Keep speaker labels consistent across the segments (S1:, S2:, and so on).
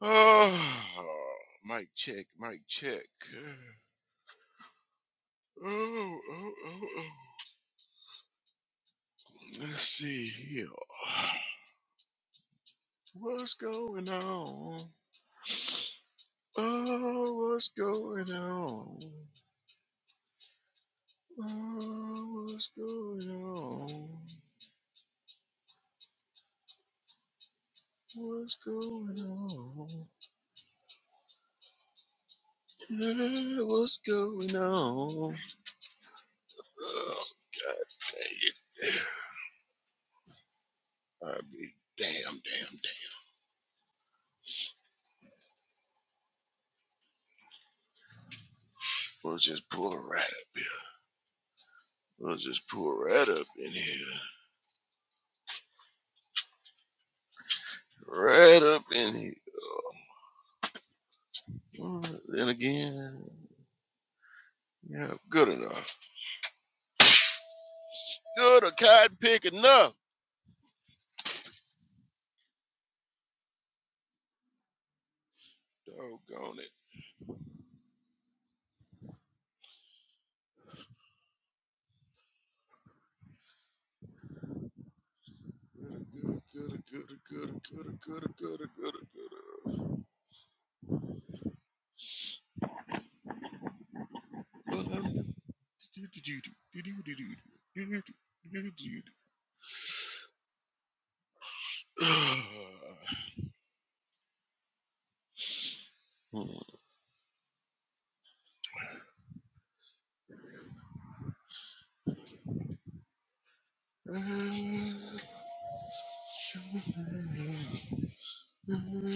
S1: Oh, mic check, mic check. Oh, oh, oh, oh. Let's see here. What's going on? Oh, what's going on? Oh, what's going on? What's going on? Yeah, what's going on? Oh, God dang it. I mean, damn, damn, damn. We'll just pull right up here. Well, I'll just pull right up in here. Right up in here. Well, Then again, yeah, good enough. Good a cotton pick enough. Doggone it. Good, good, good, good, good, good, good, good, good, good. Well, I'm- Hmm.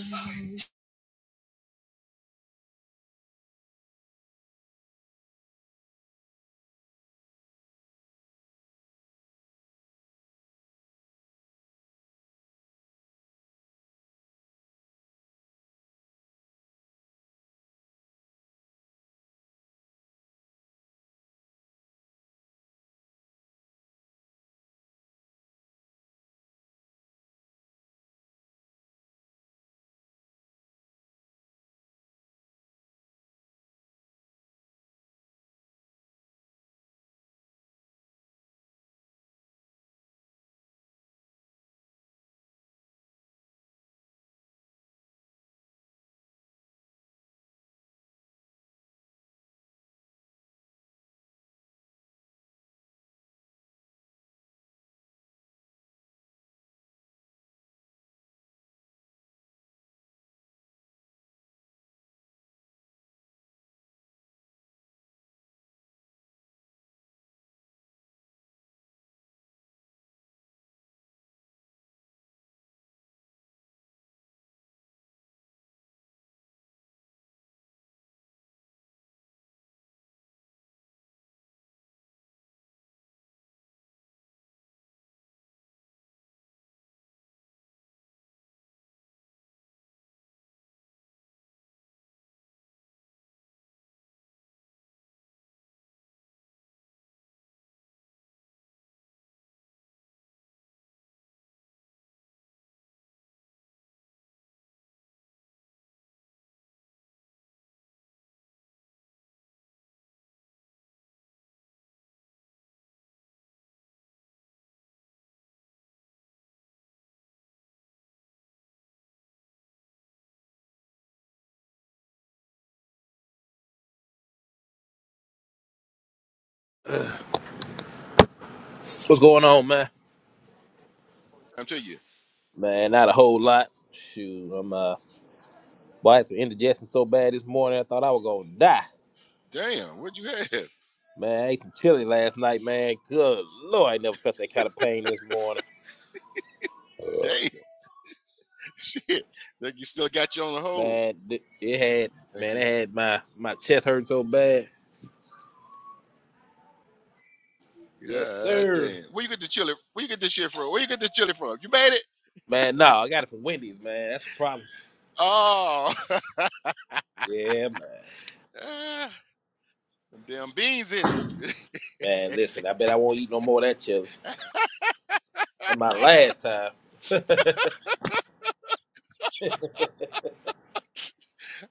S2: What's going on, man?
S1: I'm telling you,
S2: Man, not a whole lot. Shoot, I'm uh, boy, I had some indigestion so bad this morning, I thought I was gonna die.
S1: damn, what you have?
S2: Man, I ate some chili last night, man. Good lord, I never felt that kind of pain this morning.
S1: Damn. Shit. Think you still got you on the hold.
S2: Man, th- it had,
S1: Thank
S2: man, it
S1: you.
S2: had my my chest hurt so bad. Yes,
S1: God
S2: sir.
S1: damn. Where you get the chili? Where you get this shit from? Where you get this chili from? You made it?
S2: Man, no, I got it from Wendy's, man. That's the problem.
S1: Oh.
S2: Yeah, man.
S1: Ah, Them damn beans in it.
S2: Man, listen, I bet I won't eat no more of that chili. That's my last time.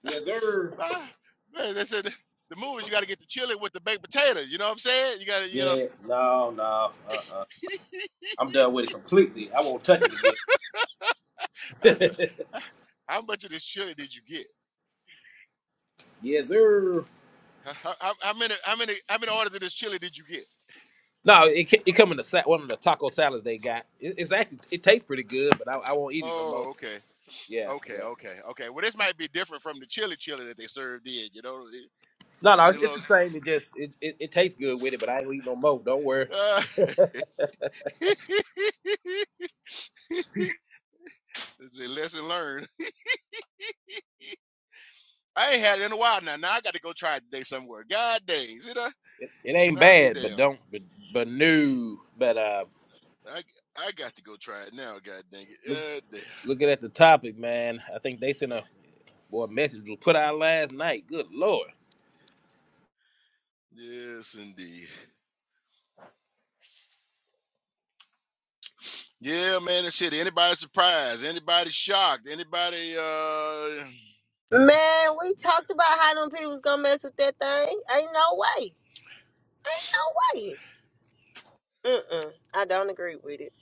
S2: Yes, sir.
S1: Ah, Man, they said the the movies you gotta get the chili with the baked potato. You know what I'm saying? You gotta, you know.
S2: Yeah, no, no, uh, uh-uh. uh. i am done with it completely. I won't touch it again.
S1: I said, "Ah, how much of this chili did you get?
S2: Yes, sir.
S1: How, how, how many how many how many orders of this chili did you get?
S2: No, it ca- it come in the sa- one of the taco salads they got. It, it's actually it tastes pretty good, but I, I won't eat it no
S1: Oh,
S2: more.
S1: okay.
S2: Yeah,
S1: Okay,
S2: yeah.
S1: okay, okay. Well, this might be different from the chili chili that they served in, you know,
S2: No, no,
S1: in the
S2: it's, it's the same. It just it, it it tastes good with it, but I ain't gonna eat no more. Don't worry,
S1: look. It's a lesson learned. I ain't had it in a while now. Now I got to go try it today somewhere. God dang, see that?
S2: it, it ain't
S1: I be
S2: bad, but
S1: damn.
S2: don't but but new. But uh,
S1: I I got to go try it now. God dang
S2: look,
S1: it. God damn.
S2: looking at the topic, man, I think they sent a boy a message was put out last night. Good lord,
S1: Yes, indeed. Yeah, man, and shit. Anybody surprised? Anybody shocked? Anybody? uh
S3: Man, we talked about how them people was gonna mess with that thing. Ain't no way. Ain't no way. Mm-mm. I don't agree with it.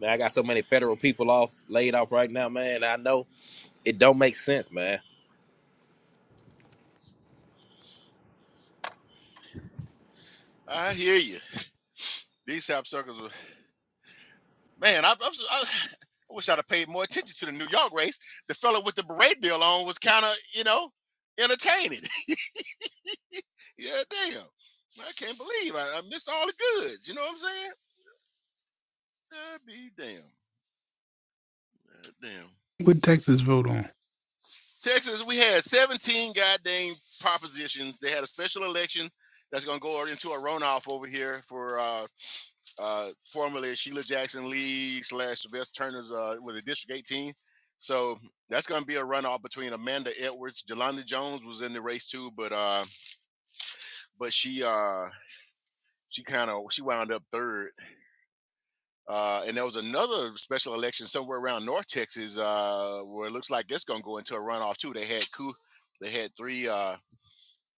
S2: man, I got so many federal people off laid off right now, man. I know it don't make sense, man.
S1: I hear you. These sapsuckers were. Man, I, I'm, si wish I'd have paid more attention to the New York race. The fellow with the beret deal on was kind of, you know, entertaining. Yeah, damn. I can't believe I, I missed all the goods. You know what I'm saying? I'd be damn. God damn.
S4: What Texas vote on?
S1: Texas, we had 17 goddamn propositions. They had a special election that's going to go into a runoff over here for uh, uh, formerly Sheila Jackson Lee slash Sylvester Turner's, uh, with the District 18. So that's going to be a runoff between Amanda Edwards. Jelanda Jones was in the race too, but uh, but she uh, she kind of she wound up third Uh, and there was another special election somewhere around North Texas uh, where it looks like it's going to go into a runoff too. They had coup, they had three uh,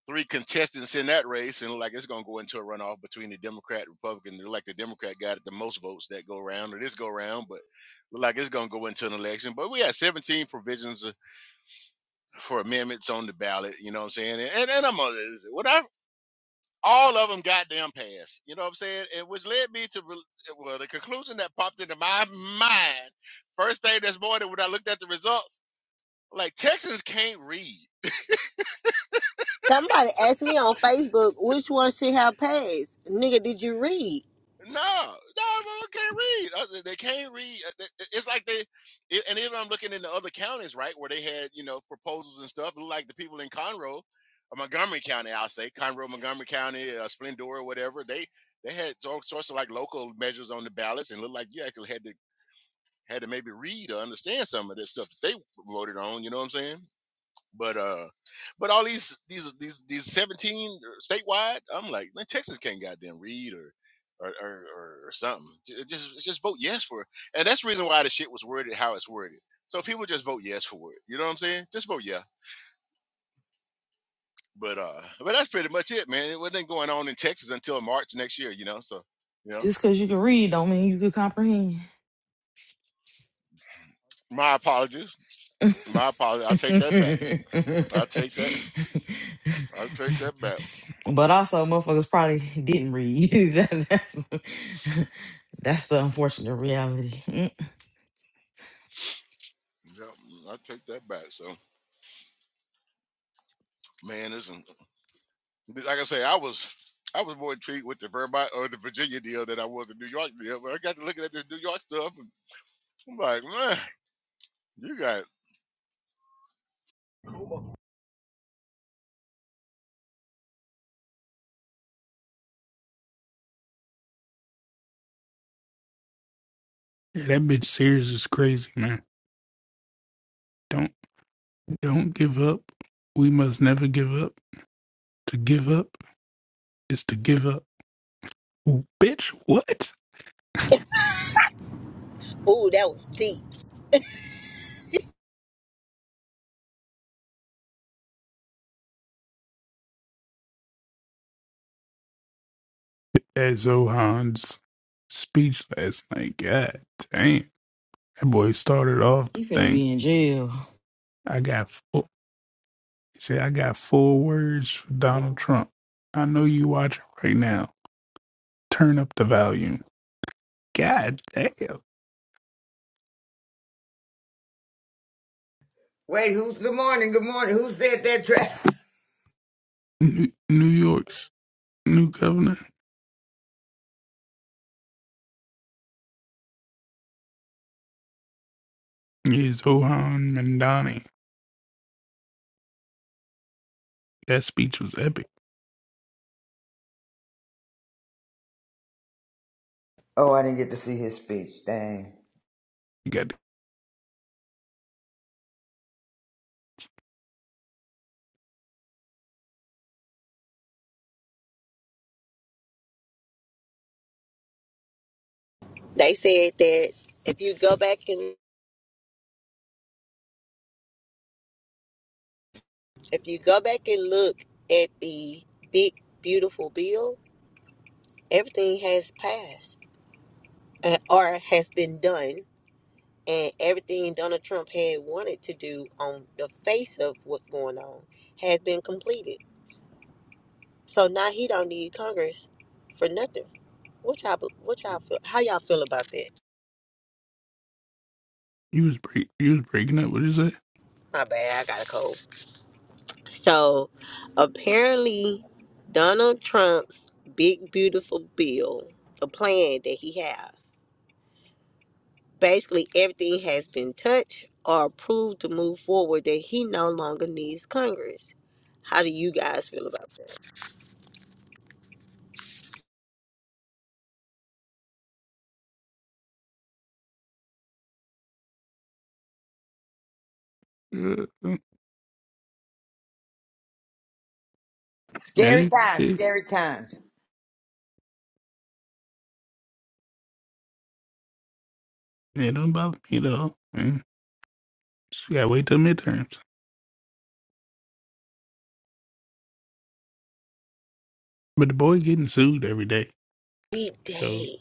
S1: three contestants in that race, and it look like it's going to go into a runoff between the Democrat and Republican. It look like the Democrat got the most votes that go around or this go round, but look like it's going to go into an election. But we had 17 provisions uh, for amendments on the ballot. You know what I'm saying? And and, and I'm on this. When I all of them goddamn passed. You know what I'm saying? And which led me to re- well, the conclusion that popped into my mind first thing this morning when I looked at the results, like Texans can't read.
S3: Somebody asked me on Facebook which one should have passed. Nigga, did you read?
S1: No, no, no, they can't read. Uh, They can't read. Uh, it- It's like they, it- and even I'm looking in the other counties, right, where they had you know proposals and stuff. It looked like the people in Conroe, or Montgomery County, I'll say Conroe, Montgomery County, uh, Splendora, whatever. They they had all sorts of like local measures on the ballots, and looked like you actually had this. had to maybe read or understand some of this stuff that they voted on. You know what I'm saying? But uh, but all these these these these 17 uh, statewide, I'm like, man, Texas can't goddamn read or. Or, or, or or something. J- Just just vote yes for, it. and that's the reason why the shit was worded how it's worded. So people just vote yes for it. You know what I'm saying? Just vote yeah. But uh, but that's pretty much it, man. It wasn't going on in Texas until March next year. You know, so you know,
S5: Just because you can read don't mean you can comprehend.
S1: my apologies,
S5: but
S1: my apologies. I take that back. I take that. I take that back.
S5: also, motherfuckers probably didn't read. That- that's, that's the unfortunate reality. Mm.
S1: Yeah, I take that back. So, man, isn't like I say, I was I was more intrigued with the Vermont or the Virginia deal than I was the New York deal. But I got to looking at this New York stuff, and I'm like, man, you got.
S4: Yeah, that bitch Sears is crazy, man. Don't don't give up. We must never give up. To give up is to give up. Bitch, what?
S3: Ooh, that was deep.
S4: That Zohan's speech last night. God damn. That boy started off the
S5: You finna
S4: thing.
S5: be in jail.
S4: I got four he said I got four words for Donald Trump. I know you watching right now. Turn up the volume. God damn.
S6: Wait, who's good morning? Good morning. Who said that trash?
S4: New, New York's new governor is Zohan Mandani. That speech was epic.
S6: Oh, I didn't get to see his speech. Dang.
S4: You got
S3: They said that if you go back and if you go back and look at the big beautiful bill, everything has passed uh, or has been done and everything Donald Trump had wanted to do on the face of what's going on has been completed. So now he don't need Congress for nothing. What y'all, what y'all feel? How y'all feel about that?
S4: you was break you was breaking up. What you say?
S3: My bad, I got a cold. So apparently, Donald Trump's big beautiful bill, the plan that he has, basically everything has been touched or approved to move forward that he no longer needs Congress. How do you guys feel about? that?
S4: Uh, uh, It
S6: Scary
S4: is.
S6: times,
S4: It,
S6: scary times.
S4: it don't bother me at all. Mm. Just gotta wait till midterms. But the boy getting sued every day.
S3: deep
S4: So
S3: day.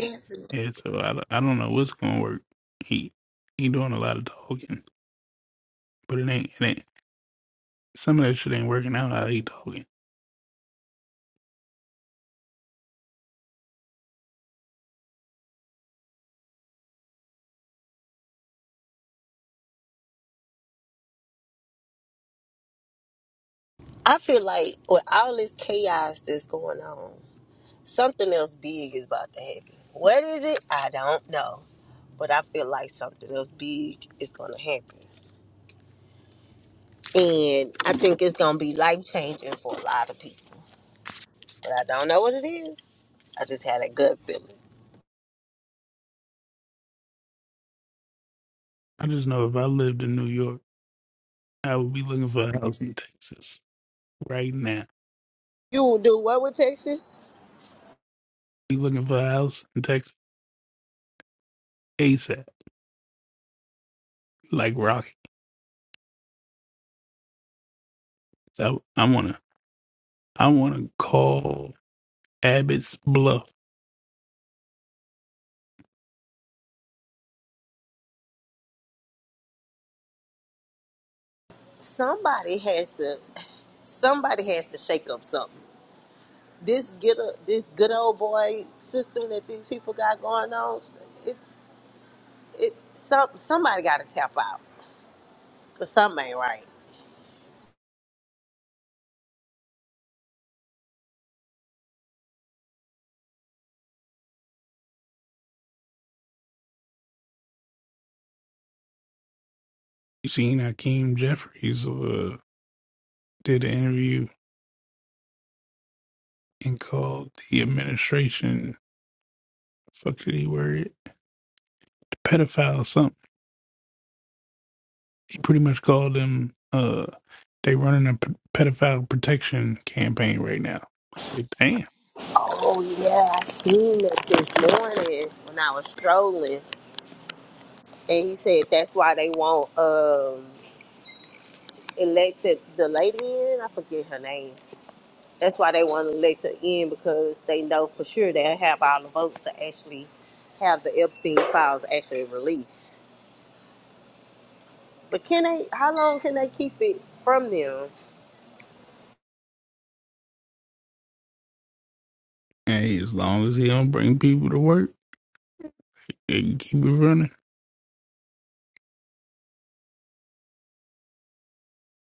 S3: And
S4: yeah. So I, don't- I don't know what's gonna work. He he doing a lot of talking, but it ain't it ain't some of that shit ain't working out. How he talking?
S3: I feel like with all this chaos that's going on, something else big is about to happen. What is it? I don't know. But I feel like something else big is going to happen. And I think it's going to be life changing for a lot of people. But I don't know what it is. I just had a gut feeling.
S4: I just know if I lived in New York, I would be looking for a house in Texas right now.
S3: You will do what with Texas?
S4: Be looking for a house in Texas ASAP, like Rocky. So I want to I want to call Abbott's bluff.
S3: Somebody has to somebody has to shake up something. This get a, this good old boy system that these people got going on, it's It some somebody got to tap out, 'cause something ain't right.
S4: You seen Hakeem Jeffries uh, did an interview and called the administration, fuck did he word it? Pedophile or something. He pretty much called them, uh, they running a p- pedophile protection campaign right now. I say, damn.
S3: Oh yeah, I seen it this morning when I was strolling, and he said that's why they won't um elect the, the lady in. I forget her name. That's why they want to elect her in because they know for sure they'll have all the votes to actually have the Epstein files actually released. But can they? How long can they keep it from them?
S4: Hey, as long as he don't bring people to work, they can keep it running.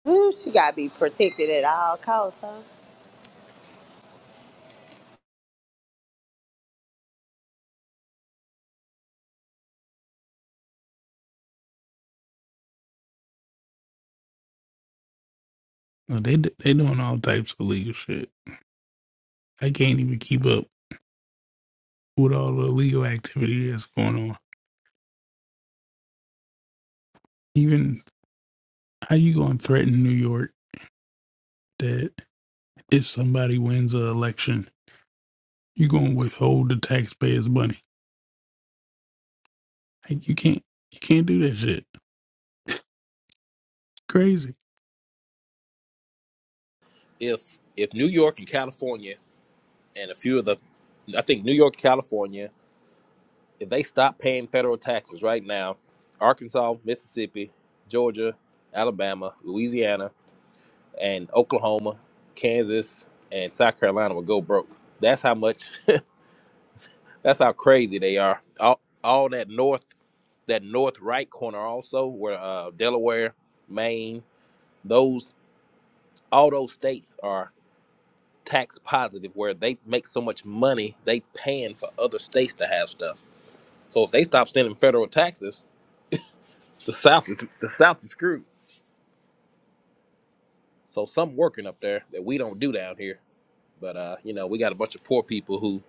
S3: Ooh, she gotta be protected at all costs, huh?
S4: Well, they they doing all types of illegal shit. I can't even keep up with all the illegal activity that's going on. Even How you gonna threaten New York that if somebody wins an election, you gonna withhold the taxpayers' money? Like, you can't, you can't do that shit. Crazy.
S2: If if New York and California and a few of the, I think New York, California, if they stop paying federal taxes right now, Arkansas, Mississippi, Georgia, Alabama, Louisiana, and Oklahoma, Kansas, and South Carolina will go broke. That's how much. that's how crazy they are. All, all that north, that north right corner also, where uh, Delaware, Maine, those all those states are tax positive, where they make so much money they paying for other states to have stuff So if they stop sending federal taxes, the South is the South is screwed. So some working up there that we don't do down here. But uh, you know, we got a bunch of poor people who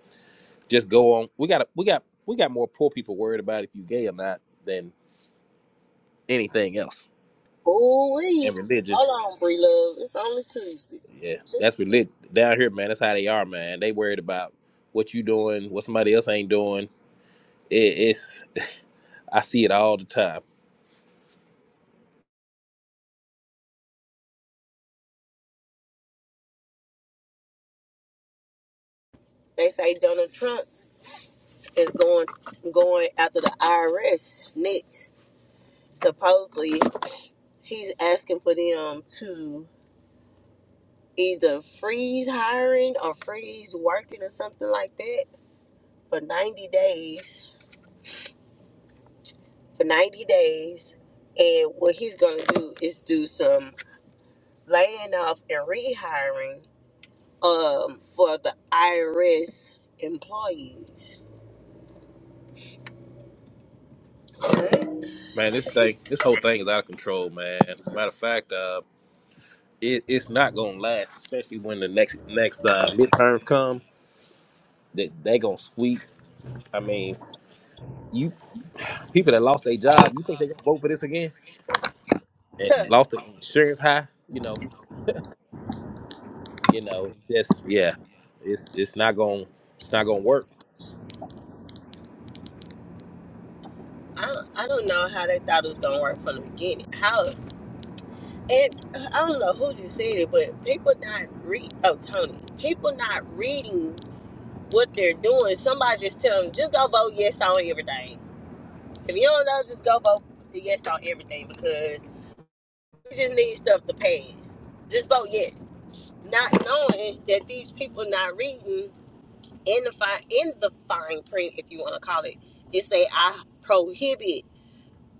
S2: just go on. We got a, we got we got more poor people worried about if you gay or not than anything else.
S3: Ooh wee.
S2: And religion,
S3: Hold on, Bree Love. It's only Tuesday.
S2: yeah, that's religion down here, man. That's how they are, man. They worried about what you doing, what somebody else ain't doing. It, it's I see it all the time,
S3: They say Donald Trump is going going after the IRS next. Supposedly he's asking for them to either freeze hiring or freeze working or something like that for ninety days. For ninety days. And what he's gonna do is do some laying off and rehiring um for the IRS employees good.
S2: man. This thing, this whole thing is out of control, man. Matter of fact, uh. it, it's not gonna last, especially when the next next uh, midterms come. That they, gonna sweep. I mean, you people that lost their job, you think they gonna vote for this again?
S3: Huh.
S2: And lost the insurance high, you know, you know, it's just yeah, it's it's not gonna it's not gonna work.
S3: I, I don't know how they thought it was gonna work from the beginning. How and uh, I don't know who just said it, but people not read. Oh, Tony, people not reading what they're doing. Somebody just tell them just go vote yes on everything. If you don't know, just go vote yes on everything because we just need stuff to pass. Just vote yes, not knowing that these people not reading in the fine in the fine print, if you want to call it, it say I prohibit.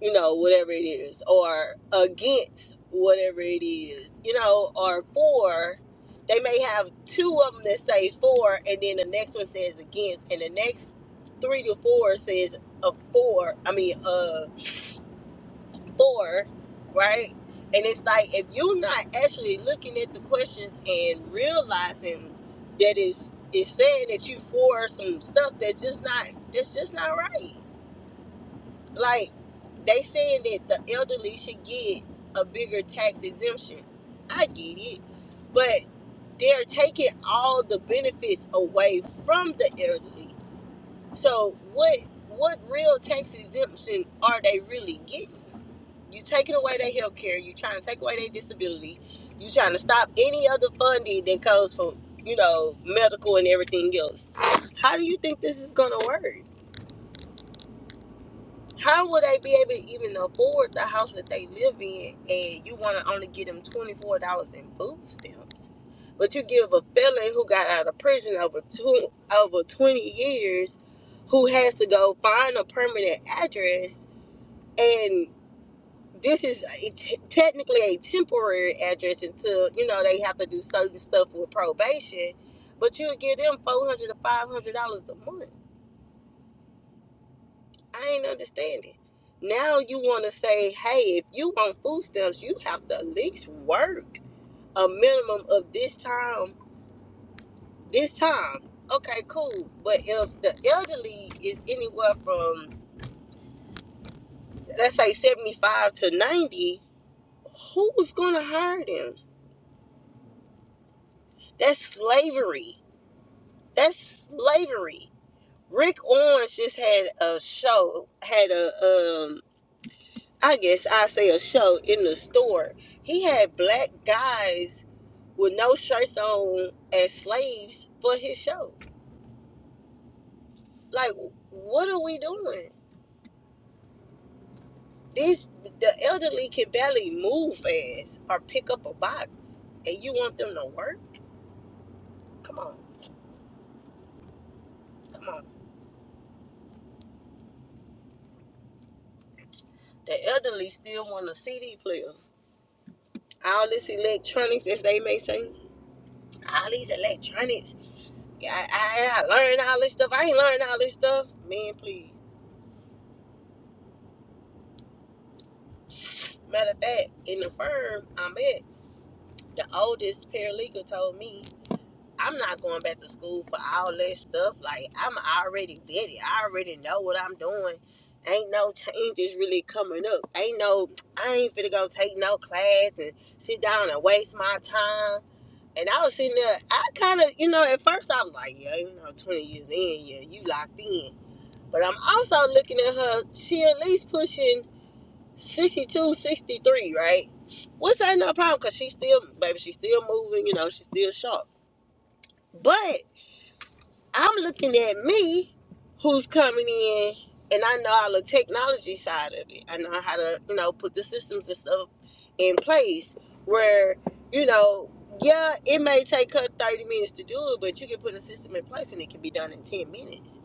S3: you know, whatever it is, or against whatever it is, you know, or for. They may have two of them that say for, and then the next one says against, and the next three to four says a for. I mean, uh, for, right? And it's like if you're not actually looking at the questions and realizing that it's it's saying that you for some stuff that's just not that's just not right like they saying that the elderly should get a bigger tax exemption. I get it, but they're taking all the benefits away from the elderly. So what what real tax exemption are they really getting? You taking away their health care, you trying to take away their disability, you trying to stop any other funding that comes from, you know, medical and everything else. How do you think this is gonna work? How would they be able to even afford the house that they live in and you want to only give them $24 in food stamps? But you give a felon who got out of prison over two, over 20 years who has to go find a permanent address and this is a t- technically a temporary address until you know they have to do certain stuff with probation but you'll give them 400 to 500 dollars a month I ain't understanding. Now you want to say, hey, if you want food stamps, you have to at least work a minimum of this time, this time. Okay, cool. But if the elderly is anywhere from, let's say, 75 to 90, who's going to hire them? That's slavery. That's slavery. Rick Owens just had a show, had a um, I guess I say a show in the store. He had black guys with no shirts on as slaves for his show. Like, what are we doing? These the elderly can barely move fast or pick up a box, and you want them to work? Come on, come on. The elderly still want a CD player. All this electronics, as they may say, all these electronics. Yeah, I, I, I learned all this stuff. I ain't learned all this stuff. Man, please. Matter of fact, in the firm I'm at, the oldest paralegal told me I'm not going back to school for all that stuff. Like I'm already vetted. I already know what I'm doing. Ain't no changes really coming up. Ain't no I ain't finna go take no class and sit down and waste my time. And I was sitting there, I kinda you know, at first I was like, Yeah, you know, twenty years in, yeah, you locked in. But I'm also looking at her, she at least pushing 62, 63, right? Which ain't no problem because she's still, baby, she's still moving, you know, she's still sharp. But I'm looking at me who's coming in and I know all the technology side of it. I know how to, you know, put the systems and stuff in place where, you know, yeah, it may take her 30 minutes to do it, but you can put a system in place and it can be done in 10 minutes.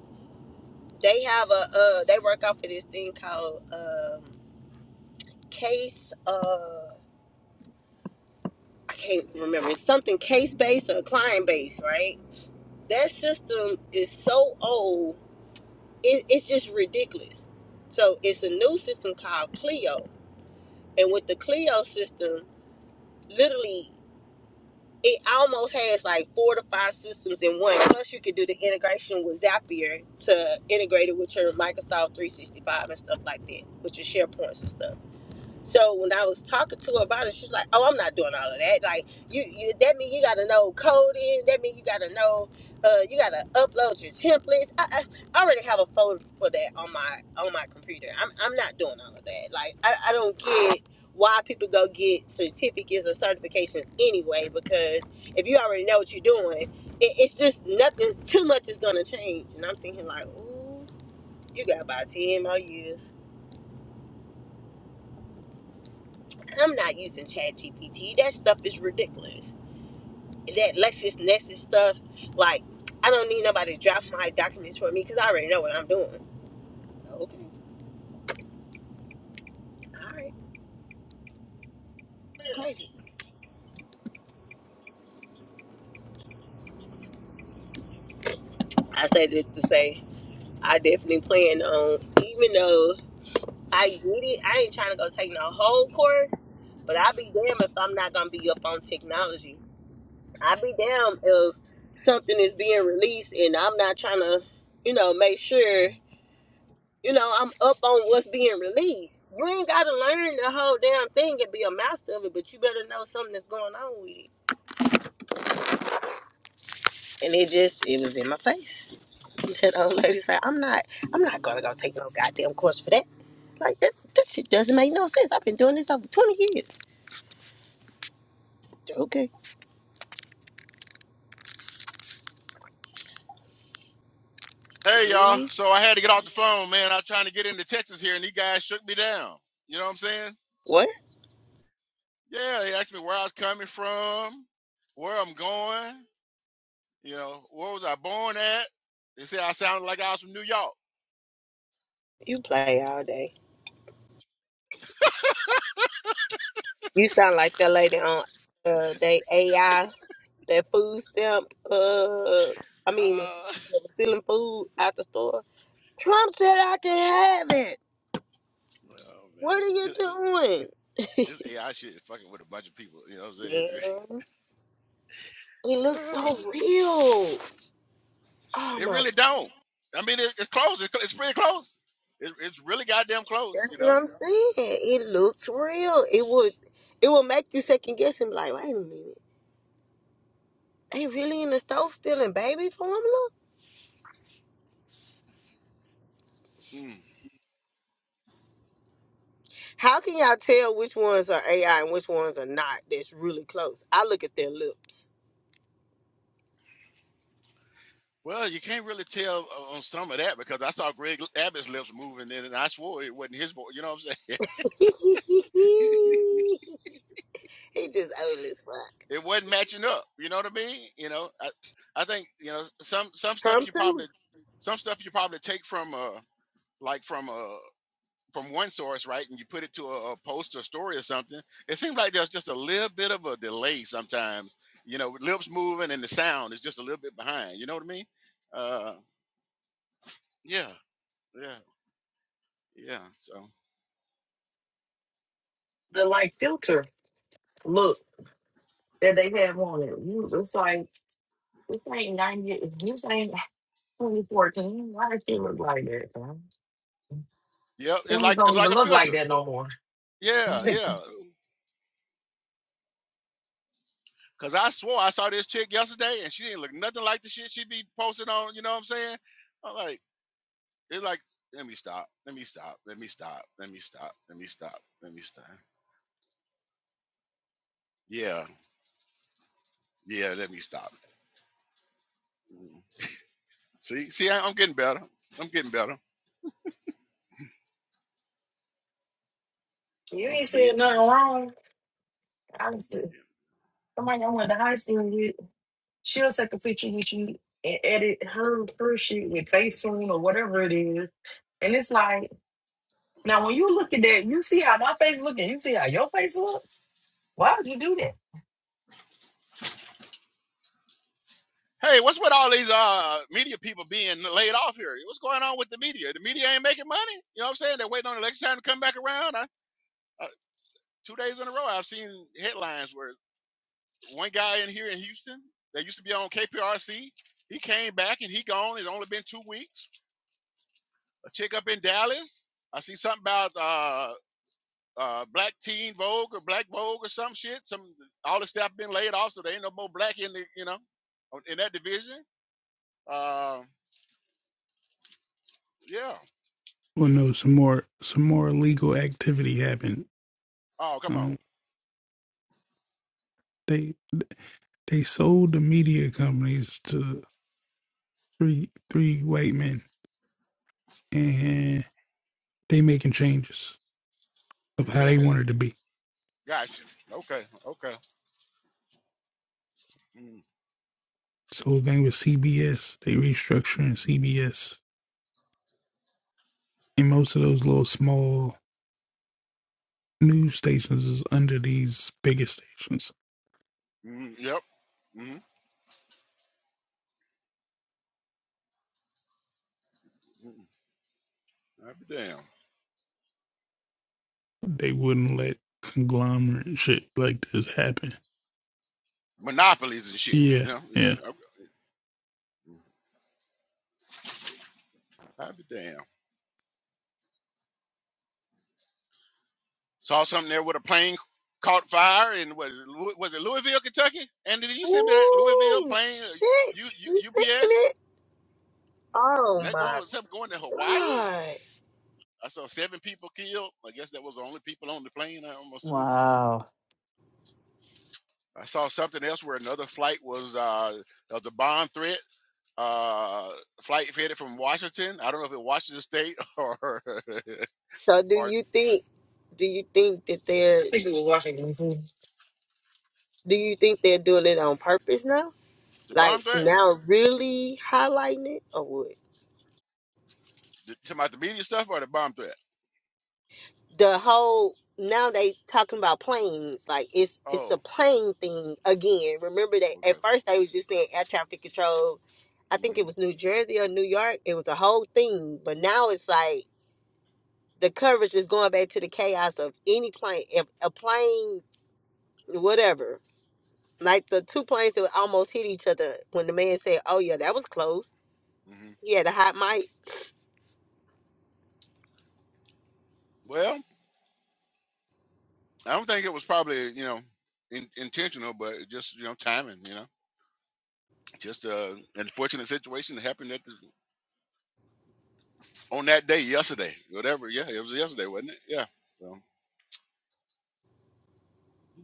S3: They have a, uh, they work off of this thing called um, case. uh, I can't remember. It's something case based or client based, right? That system is so old, it, it's just ridiculous. So it's a new system called Clio, and with the Clio system, literally, it almost has like four to five systems in one. Plus, you could do the integration with Zapier to integrate it with your Microsoft 365 and stuff like that, with your SharePoints and stuff. So when I was talking to her about it, she's like, "Oh, I'm not doing all of that. Like, you, you that mean you got to know coding. That mean you got to know, uh, you got to upload your templates. I, I, I already have a folder for that on my on my computer. I'm I'm not doing all of that. Like, I, I don't get why people go get certificates or certifications anyway. Because if you already know what you're doing, it, it's just nothing's too much is gonna change. And I'm thinking like, ooh, you got about ten more years. I'm not using ChatGPT. That stuff is ridiculous. That LexisNexis stuff, like, I don't need nobody to drop my documents for me because I already know what I'm doing. Okay, all right, it's crazy. I said it to say I definitely plan on, even though I get it, I ain't trying to go take no whole course, but I'll be damn if I'm not gonna be up on technology. I'll be damn if something is being released and I'm not trying to, you know, make sure. You know, I'm up on what's being released. You ain't gotta learn the whole damn thing and be a master of it, but you better know something that's going on with it. And it just it was in my face. That old lady said, I'm not I'm not gonna go take no goddamn course for that. Like that that shit doesn't make no sense. I've been doing this over twenty years. Okay.
S1: Hey y'all,
S3: Mm,
S1: so I had to get off the phone, man. I'm trying to get into Texas here, and these guys shook me down. You know what I'm saying?
S3: what?
S1: Yeah, they asked me where I was coming from, where I'm going. You know, where was I born at? They said I sounded like I was from New York.
S3: You play all day. You sound like that lady on uh they AI, that food stamp, uh I
S1: Uh,
S3: mean stealing food out the store. Trump said I can have it.
S1: oh
S3: What are you
S1: man,
S3: doing?
S1: This AI shit is fucking with a bunch of people. You know what I'm
S3: Man, it looks so
S1: saying?
S3: real. Oh
S1: it
S3: my god.
S1: really don't. I mean, it, it's close. It's, it's pretty close. It, it's really goddamn close. You
S3: That's what
S1: know.
S3: I'm saying. It looks real. It would it will make you second guess and be like, wait a minute. They really in the stove stealing baby formula?
S1: Mm.
S3: How can y'all tell which ones are AI and which ones are not that's really close? I look at their lips.
S1: Well, you can't really tell o- on some of that because I saw Greg Abbott's lips moving, in and I swore it wasn't his voice. You know what I'm saying?
S3: he just old as fuck.
S1: it wasn't matching up. You know what I mean? You know, I, I think you know some some stuff you
S3: Trump too.
S1: probably some stuff you probably take from uh like from a, from one source, right, and you put it to a, a post or story or something, it seems like there's just a little bit of a delay sometimes. You know, lips moving and the sound is just a little bit behind. You know what I mean? Uh, yeah, yeah, yeah. So,
S5: The look that they have on it. You, it's like, this ain't 90, You saying 2014. Why does she look like that? man?
S1: yeah, it's
S5: Come
S1: like it's like a filter.
S5: on.
S1: Yeah, yeah. Cause I swore I saw this chick yesterday, and she didn't look nothing like the shit she be posting on. You know what I'm saying? I'm like, it's like, let me stop, let me stop, let me stop, let me stop, let me stop, let me stop. Yeah, yeah, let me stop. Mm-hmm. See, see, I- I'm getting better. I'm getting better.
S5: You
S1: I'm
S5: ain't said
S1: getting
S5: nothing
S1: better.
S5: wrong. I was,
S1: Yeah.
S5: somebody I went to high school with. She will take a picture with you and edit her her shit with Facetune or whatever it is. And it's like now when you look at that, you see how my face look and you see how your face look. Why would you do that?
S1: Hey, what's with all these uh media people being laid off here? What's going on with the media? The media ain't making money. You know what I'm saying? They're waiting on election time to come back around. I, I, two days in a row, I've seen headlines where one guy in here in Houston that used to be on KPRC, he came back and he gone. It's only been two weeks. A chick up in Dallas. I see something about uh uh, black teen Vogue or black Vogue or some shit. Some all the staff been laid off, so there ain't no more black in the you know in that division. Uh, yeah.
S4: Well, no, some more, some more illegal activity happened.
S1: Oh, come on,
S4: Um, they they sold the media companies to three three white men, and they making changes of
S1: the
S4: how they
S1: trimming.
S4: wanted to be.
S1: Gotcha. Okay. Okay. Mm,
S4: So the thing with CBS, they restructuring CBS, and most of those little small news stations is under these bigger stations.
S1: mm, yep. Mm, mm, I'd be damn.
S4: They wouldn't let conglomerate shit like this happen.
S1: Monopolies and shit. You
S4: Yeah,
S1: know.
S4: yeah.
S1: Yeah, I- would be damn. Saw something there with a plane caught fire in was was it Louisville, Kentucky? And did you send me that Louisville
S3: Ooh
S1: plane? uh,
S3: shit. You seen it? Oh
S1: And that going
S3: my
S1: was something going to Hawaii?
S3: God.
S1: I saw seven people killed. I guess that was the only people on the plane. I'm assuming.
S7: Wow.
S1: I saw something else where another flight was uh, there was a bomb threat. Uh, flight headed from Washington. I don't know if it was Washington State or
S3: So do
S1: or
S3: you think do you think that they're
S5: I think it was Washington D.C.
S3: do you think they're doing it on purpose now?
S1: the bomb
S3: Like
S1: threat.
S3: now really highlighting it or what?
S1: The- Talking about the media stuff or the bomb threat.
S3: The whole now they talking about planes. Like it's it's a
S1: Oh,
S3: plane thing again. Remember that
S1: okay.
S3: at first they was just saying air traffic control. I think
S1: hmm
S3: it was New Jersey or New York. It was a whole thing. But now it's like the coverage is going back to the chaos of any plane if a plane whatever Like the two planes that almost hit each other when the man said, Oh, yeah, that was close.
S1: hmm
S3: He had a hot mic.
S1: Well, I don't think it was probably you know in, intentional, but it just you know timing. You know, just a unfortunate situation that happened at the on that day yesterday, whatever. Yeah, it was yesterday, wasn't it? Yeah. So,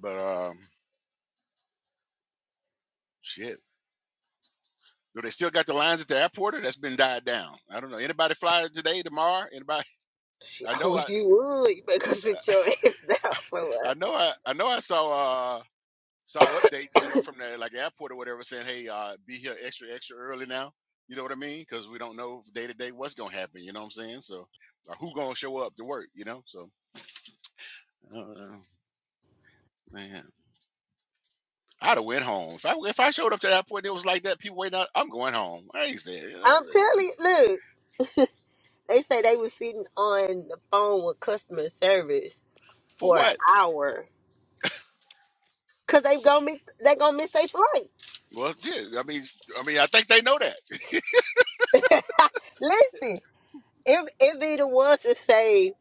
S1: but um, shit. Do they still got the lines at the airport, or that's been died down? I don't know. Anybody fly today, tomorrow? Anybody?
S3: Shit,
S1: I
S3: I
S1: know. I
S3: wish you would. because better sit
S1: uh,
S3: your ass down
S1: I
S3: somewhere.
S1: know. I I know. I saw uh saw updates, you know, from the like airport or whatever, saying, "Hey, uh, be here extra extra early now." You know what I mean? Because we don't know day to day what's gonna happen. You know what I'm saying? So, or who gonna show up to work? You know? So, I don't know, man. I'd have went home. If I if I showed up to that point, it was like that. People waiting out. I'm going home. I ain't staying. You know,
S3: I'm telling you, look, they say they was sitting on the phone with customer service
S1: for
S3: for an
S1: what?
S3: hour. Cause they gonna miss they gonna miss their flight.
S1: Well, yeah, I mean, I mean, I think they know that.
S3: Listen, if it be the ones that say,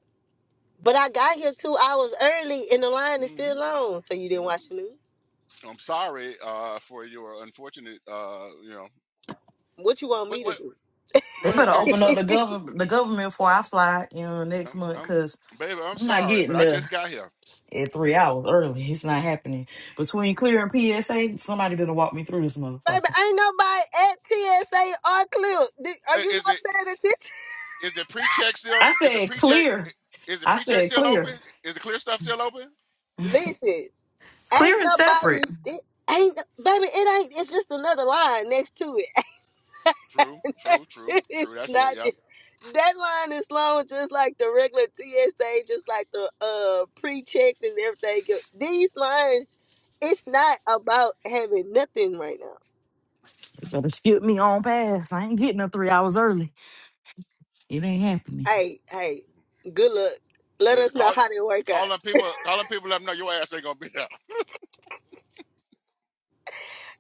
S3: but I got here two hours early and the line is
S1: hmm
S3: still long," so you
S1: hmm
S3: didn't watch the news.
S1: I'm sorry uh, for your unfortunate. Uh, you know,
S3: What you want
S1: what
S3: me to
S1: what
S5: They
S1: what else
S5: better
S1: can you
S3: do?
S5: open
S1: say?
S5: up the government the government before I fly, you know, next
S1: I'm,
S5: month,
S1: I'm
S5: cause
S1: baby. I'm
S5: I'm not
S1: sorry, but
S5: getting
S1: I just
S5: there
S1: got here.
S5: at three hours early. It's not happening. Between clear and PSA, somebody better walk me through this
S3: Baby,
S5: motherfucker.
S3: ain't nobody at TSA or Clip. Di- Are
S1: I-
S3: you
S1: Is
S3: not
S1: the
S3: paying attention?
S1: is the pre check still?
S5: I
S1: Is the
S5: said
S1: pre check?
S5: clear.
S1: Is the
S5: I
S1: pre check
S5: said
S1: still
S5: clear.
S1: open? Is the clear stuff still open?
S3: Listen,
S5: Clear
S3: ain't
S5: and separate.
S3: nobody. It ain't baby. It ain't. It's just another line next to
S1: True,
S3: it.
S1: true, true, true.
S3: it's
S1: That's it.
S3: not.
S1: Yep.
S3: di- That line is long, just like the regular TSA, just like the uh pre-check and everything. These lines, it's not about having nothing right now.
S5: Better skip me on past. I ain't getting up three hours early. It ain't happening.
S3: Hey, hey, good luck. Let
S1: Listen,
S3: us know
S1: call
S3: how they work out.
S1: calling people calling people let them know your ass ain't gonna be there.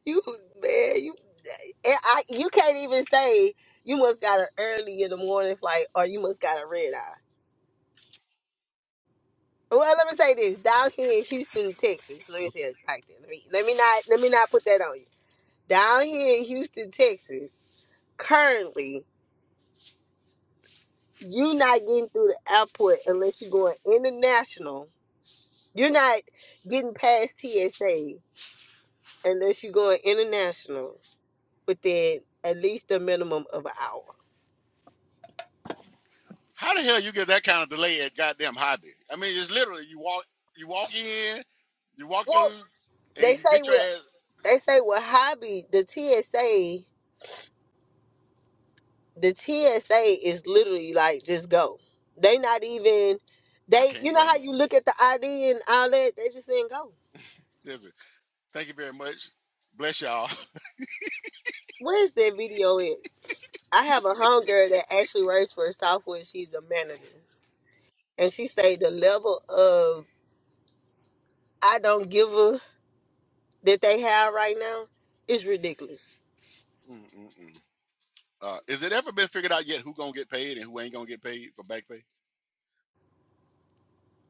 S3: You man, you and I you can't even say you must got an early in the morning flight or you must got a red eye. Well, let me say this: down here in Houston, Texas. Let me say it like that. Let me let me not let me not put that on you. Down here in Houston, Texas, currently you're not getting through the airport unless you're going international. You're not getting past TSA unless you're going international within at least a minimum of an hour.
S1: How the hell you get that kind of delay at goddamn hobby? I mean, it's literally you walk you walk in, you walk
S3: Well,
S1: through, and
S3: they
S1: you
S3: say
S1: get your
S3: with
S1: ass.
S3: They say well hobby the TSA the TSA is literally like just go. They not even
S1: I
S3: they you
S1: can't
S3: know
S1: blame
S3: how
S1: them.
S3: you look at the ID and all that, they just saying go.
S1: Listen, thank you very much. Bless y'all.
S3: Where's that video at? I have a homegirl that actually works for Southwest. She's a manager. And she say the level of I don't give a that they have right now is ridiculous.
S1: Mm-mm-mm. Uh, is it ever been figured out yet who gonna get paid and who ain't gonna get paid for back pay?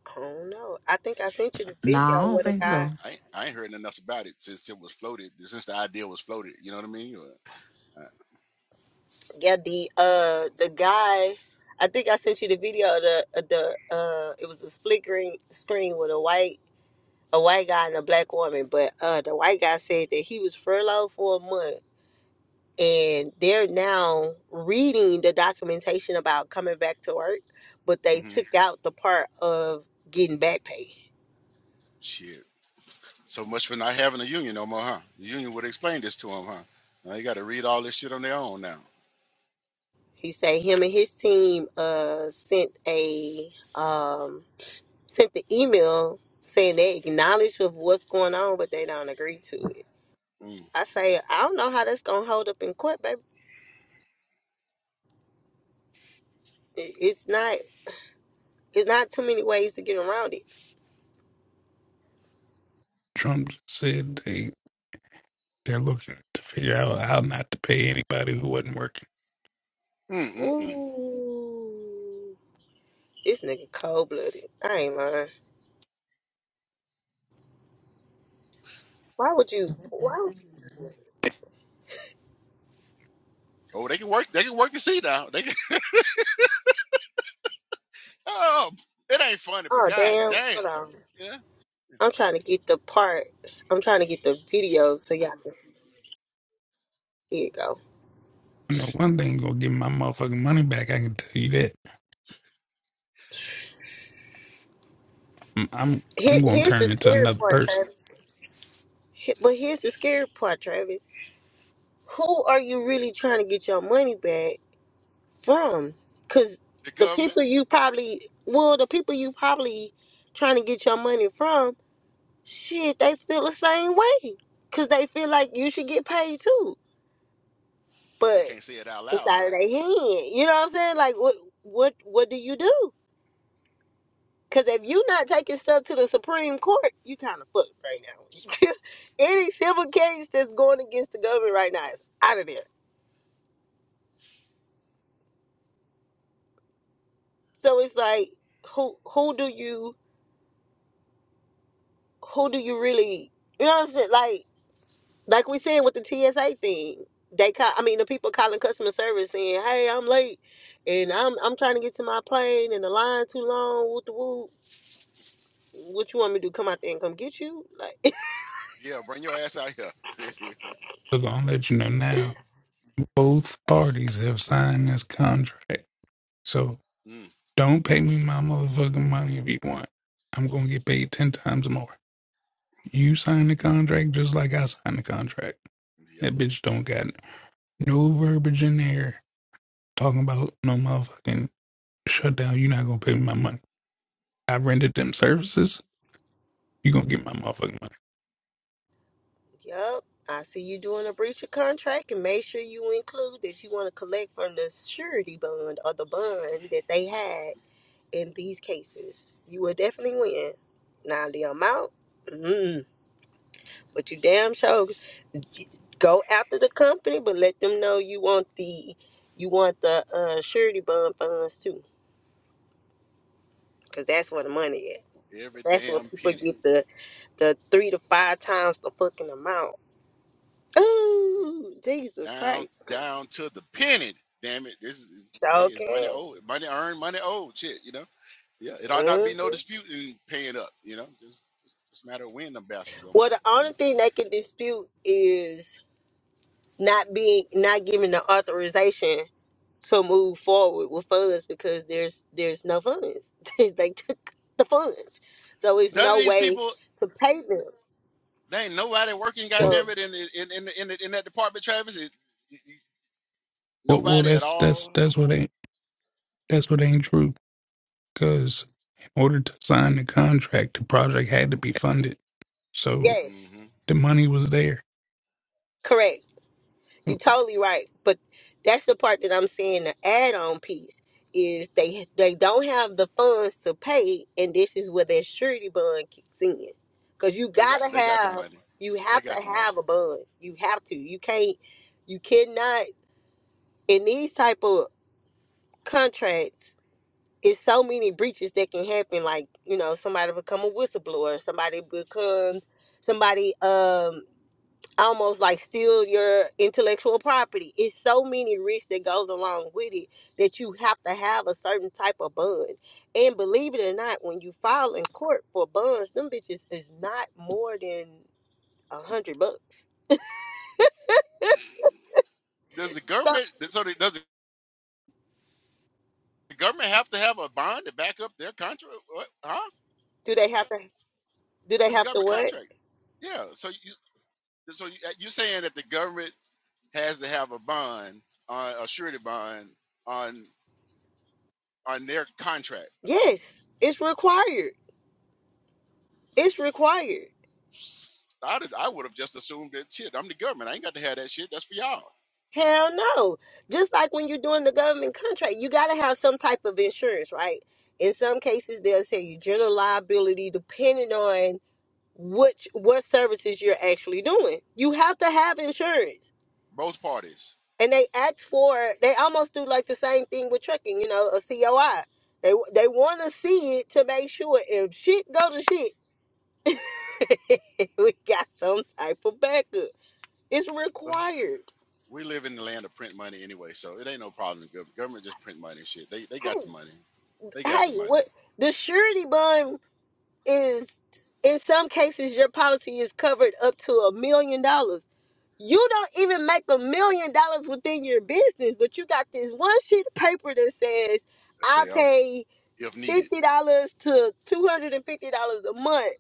S3: I don't know. I think I sent you the
S5: Nah, I
S3: video
S5: don't
S3: with a
S5: think
S3: guy.
S5: so.
S1: I ain't, I ain't heard nothing else about it since it was floated, since the idea was floated. You know what I mean? Or,
S3: Yeah, the uh the guy I think I sent you the video of the of the uh it was a flickering screen with a white a white guy and a black woman, but uh the white guy said that he was furloughed for a month and they're now reading the documentation about coming back to work, but
S1: uh,
S3: they took out the part of getting back pay.
S1: hmm So much for not having a union no more, huh? The union would explain this to them, huh? Now you got to read all this shit on their own now.
S3: He said him and his team uh sent a um sent the email saying they acknowledge of what's going on, but they don't agree to it.
S1: Mm.
S3: I say I don't know how that's gonna hold up in court, baby. It- It's not. It's not too many ways to get around it.
S4: Trump said they they're looking to figure out how not to pay anybody who wasn't working.
S1: Mm, mm, mm.
S3: Ooh, this nigga cold blooded. I ain't lying. Why would you? Why? would-
S1: Oh, they can work. They can work to see now. They can. Oh, it ain't funny, but
S3: Oh
S1: god
S3: damn!
S1: damn.
S3: Hold on.
S1: Yeah,
S3: I'm trying to get the part. I'm trying to get the video so y'all can. Here you go.
S4: I know one thing gonna give my motherfucking money back. I can tell you that. I'm I'm,
S3: Here,
S4: I'm gonna
S3: here's the
S4: turn into
S3: scary
S4: another
S3: part,
S4: person.
S3: Travis. Here- But here's the scary part, Travis. who are you really trying to get your money back from? Because
S1: the
S3: the
S1: government.
S3: people you probably, well, the people you probably trying to get your money from, shit, they feel the same way. Because they feel like you should get paid too.
S1: They
S3: But
S1: can't say it out
S3: it's
S1: loud
S3: out of
S1: though.
S3: their hand. You know what I'm saying? Like, what, what, what do you do? Because if you not taking stuff to the Supreme Court, you kind of fucked right now. Any civil case that's going against the government right now is out of there. So it's like, who, who do you who do you really you know what I'm saying? Like like we said with the TSA thing. They call I mean the people calling customer service saying, Hey, I'm late and I'm I'm trying to get to my plane and the line too long, whoop the whoop. What you want me to do? Come out there and come get you? Like
S1: Yeah, bring your ass out here.
S4: So I'm gonna let you know now. Both parties have signed this contract. So
S1: mm.
S4: don't pay me my motherfucking money if you want. I'm gonna get paid ten times more. You signed the contract just like I signed the contract.
S1: Yep,
S4: That bitch don't got no verbiage in there talking about no motherfucking shutdown. You're not gonna pay me my money. I rented them services. You gonna get my motherfucking money.
S3: Yup. I see you doing a breach of contract and make sure you include that you want to collect from the surety bond or the bond that they had in these cases. You will definitely win. Now the amount, Mm. But you damn sure go after the company, but let them know you want the you want the uh, surety bond funds too, because that's where the money is.
S1: every
S3: That's where
S1: damn
S3: people
S1: penny,
S3: get the the three to five times the fucking amount. Ooh, Jesus
S1: down
S3: Christ!
S1: down to the penny. Damn it, this is hey,
S3: Sure
S1: it's money
S3: can.
S1: owed, money earned, money owed. Shit, you know. Yeah, it ought not be no
S3: hmm
S1: dispute in paying up. You know, just just a matter of when the bastards gonna
S3: Well,
S1: pay.
S3: the
S1: You know,
S3: only thing they can dispute is not being not giving the authorization to move forward with funds because there's there's no funds. they they took the funds, so there's
S1: none of
S3: no
S1: these
S3: way
S1: people,
S3: to pay them.
S1: they ain't nobody working.
S4: Well,
S3: So
S1: Goddamn it, in the- in in the- in, the- in that department, Travis, it, you- you-
S4: well, well
S1: nobody at
S4: that's that's
S1: all.
S4: that's what ain't that's what ain't true. Cause in order to sign the contract, the project had to be funded. So
S3: yes,
S1: hmm
S4: the money was there.
S3: correct.
S4: Oh,
S3: You're totally right. But that's the part that I'm saying the add-on piece is they they don't have the funds to pay, and this is where their surety bond kicks in because you
S1: They got
S3: gotta
S1: they got the
S3: have
S1: money.
S3: you
S1: They
S3: have
S1: got
S3: to
S1: the money.
S3: have a bond. You have to. You can't. You cannot in these type of contracts it's so many breaches that can happen. Like you know, somebody become a whistleblower. Somebody becomes somebody um almost like steal your intellectual property. It's so many risks that goes along with it that you have to have a certain type of bond. And believe it or not, when you file in court for bonds, them bitches is not more than a hundred bucks.
S1: Does the
S3: So
S1: government? So the- does the government have to have a bond to back up their contract? What? Huh?
S3: do they have to? Do they
S1: It's a
S3: have to
S1: government
S3: what?
S1: contract. Yeah. So you so you, you're saying that the government has to have a bond on a surety bond on on their contract.
S3: Yes, it's required. It's required.
S1: I'd, I would have just assumed that shit. I'm the government. I ain't got to have that shit. That's for y'all.
S3: Hell no. Just like when you're doing the government contract, you got to have some type of insurance, right? In some cases, they'll tell you general liability depending on which what services you're actually doing. You have to have insurance.
S1: Both parties.
S3: And they ask for they almost do like the same thing with trucking, you know, a COI. They they want to see it to make sure if shit go to shit, we got some type of backup. It's
S1: Ugh.
S3: required.
S1: We live in the land of print money anyway, so it ain't no problem. The gov- government just print money. and Shit, they they
S3: Hey,
S1: got the money. They got the
S3: hey,
S1: money.
S3: what the surety bond is in some cases your policy is covered up to a million dollars. You don't even make a million dollars within your business, but you got this one sheet of paper that says
S1: I
S3: I
S1: say um,
S3: pay
S1: if needed,
S3: fifty dollars to two hundred and fifty dollars a month.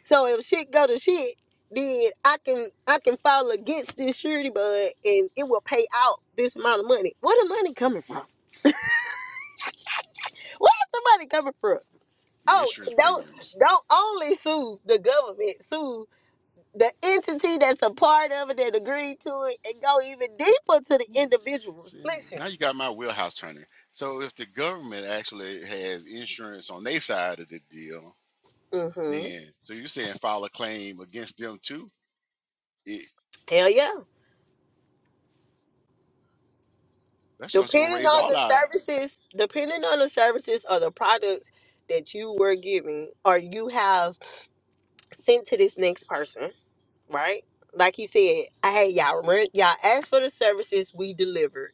S3: So if shit go to shit, then I can I can file against this surety bond and it will pay out this amount of money. Where the money coming from? Where's the money coming from? Oh,
S1: insurance
S3: don't
S1: premiums.
S3: don't only sue the government. Sue the entity that's a part of it that agreed to it and go even deeper to the
S1: Hmm.
S3: individuals.
S1: See,
S3: Listen.
S1: now you got my wheelhouse turning. So if the government actually has insurance on their side of the deal,
S3: Mm-hmm.
S1: then so you're saying file a claim against them too? It,
S3: Hell yeah.
S1: that's just gonna
S3: Depending
S1: raise
S3: on
S1: all
S3: the
S1: our
S3: services, depending on the services or the products that you were giving or you have sent to this next person, right? Like he said, hey, y'all, rent, y'all asked for the services we delivered.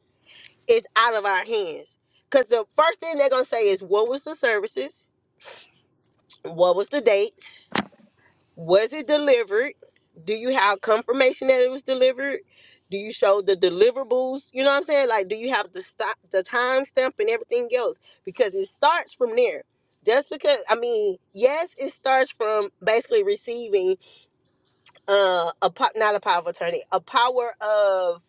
S3: It's out of our hands. Because the first thing they're going to say is, what was the services? What was the date? Was it delivered? Do you have confirmation that it was delivered? Do you show the deliverables? You know what I'm saying? Like, do you have the stop, the time stamp, and everything else? Because it starts from there. Just because, I mean, yes, it starts from basically receiving uh, a po- not a power of attorney, a power of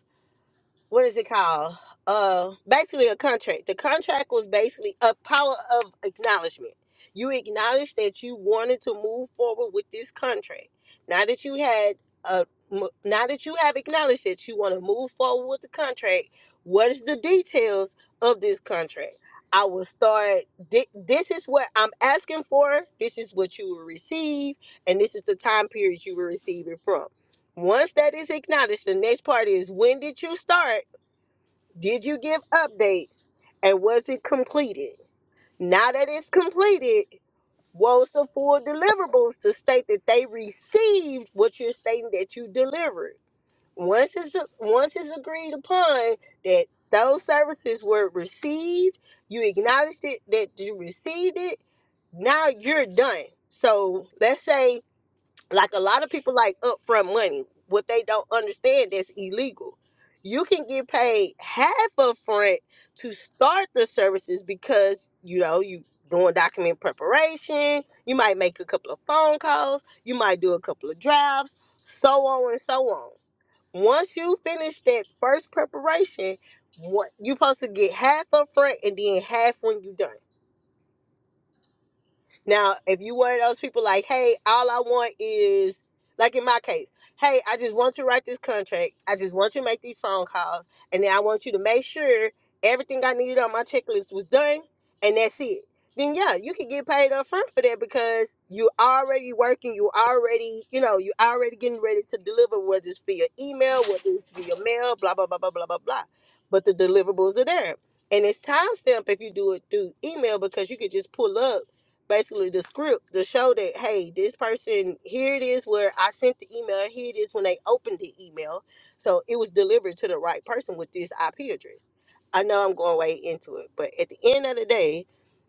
S3: what is it called? Uh, basically a contract. The contract was basically a power of acknowledgement. You acknowledged that you wanted to move forward with this contract. Now that you had a, m- now that you have acknowledged that you want to move forward with the contract, what is the details of this contract? I will start. thi- This is what I'm asking for. This is what you will receive, and this is the time period you will receive it from. Once that is acknowledged, the next part is when did you start did you give updates? And was it completed? Now that it's completed, what's the full deliverables to state that they received what you're stating that you delivered? Once it's once it's agreed upon that those services were received, you acknowledged it that you received it. Now you're done. So let's say like a lot of people like upfront money what they don't understand is illegal you can get paid half upfront to start the services because you know you doing document preparation you might make a couple of phone calls you might do a couple of drafts so on and so on once you finish that first preparation what you supposed to get half upfront and then half when you done now, if you one of those people like, hey, all I want is like in my case, hey, I just want you to write this contract. I just want you to make these phone calls. And then I want you to make sure everything I needed on my checklist was done and that's it. Then yeah, you can get paid up front for that because you already working, you already, you know, you already getting ready to deliver whether it's via email, whether it's via mail, blah blah blah blah blah blah blah. But the deliverables are there. And it's timestamp if you do it through email because you could just pull up basically the script to show that hey this person here it is where i sent the email here it is when they opened the email so it was delivered to the right person with this ip address i know i'm going way into it but at the end of the day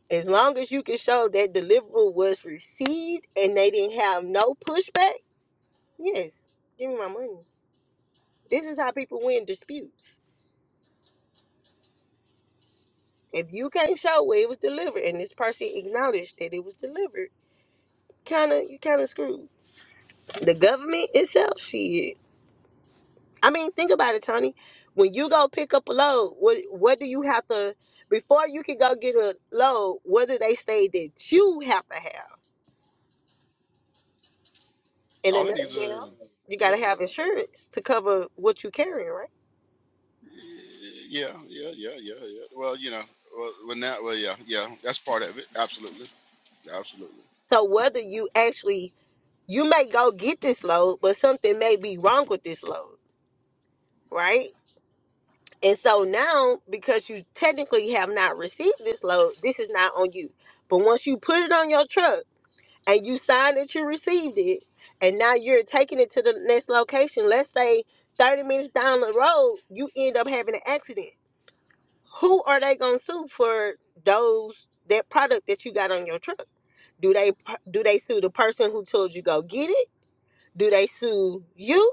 S3: as long as you can show that deliverable was received and they didn't have no pushback yes give me my money this is how people win disputes if you can't show where it was delivered and this person acknowledged that it was delivered kind of you kind of screwed the government itself shit. I mean, think about it, Tony. When you go pick up a load, what what do you have to before you can go get a load? What do they say that you have to have? In a
S1: All of these are,
S3: nutshell, you got
S1: yeah,
S3: to have insurance to cover what you carrying, right?
S1: yeah, yeah, yeah, yeah, yeah. Well, you know, well, well now, well, yeah, yeah, that's part of it. Absolutely, absolutely.
S3: So whether you actually you may go get this load, but something may be wrong with this load, right? And so now, because you technically have not received this load, this is not on you. But once you put it on your truck. and you signed that you received it, and now you're taking it to the next location. Let's say 30 minutes down the road, you end up having an accident. Who are they gonna sue for those that product that you got on your truck? Do they do they sue the person who told you go get it? Do they sue you,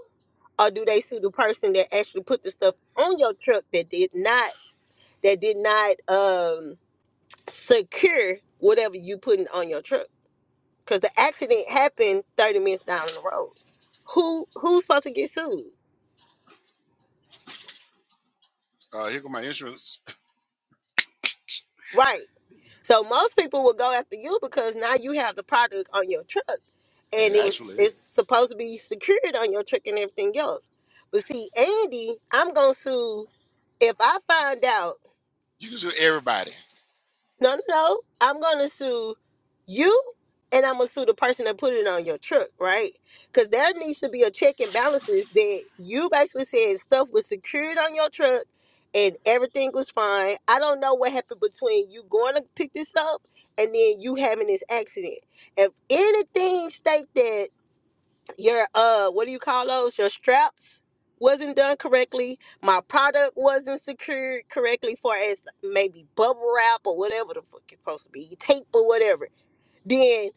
S3: or do they sue the person that actually put the stuff on your truck that did not that did not um secure whatever you putting on your truck? because the accident happened 30 minutes down the road. Who who's supposed to get sued?
S1: Uh, here go my insurance.
S3: Right. So most people will go after you because now you have the product on your truck
S1: And
S3: and it was
S1: actually,
S3: it's supposed to be secured on your truck and everything else. But see, Andy, I'm gonna sue if I find out
S1: you can sue everybody.
S3: No, no, no. I'm gonna sue you, and I'm gonna sue the person that put it on your truck, right? Because there needs to be a check and balances that you basically said stuff was secured on your truck, and everything was fine. I don't know what happened between you going to pick this up and then you having this accident. If anything state that your uh what do you call those your straps wasn't done correctly my product wasn't secured correctly far as maybe bubble wrap or whatever the fuck it's supposed to be tape or whatever then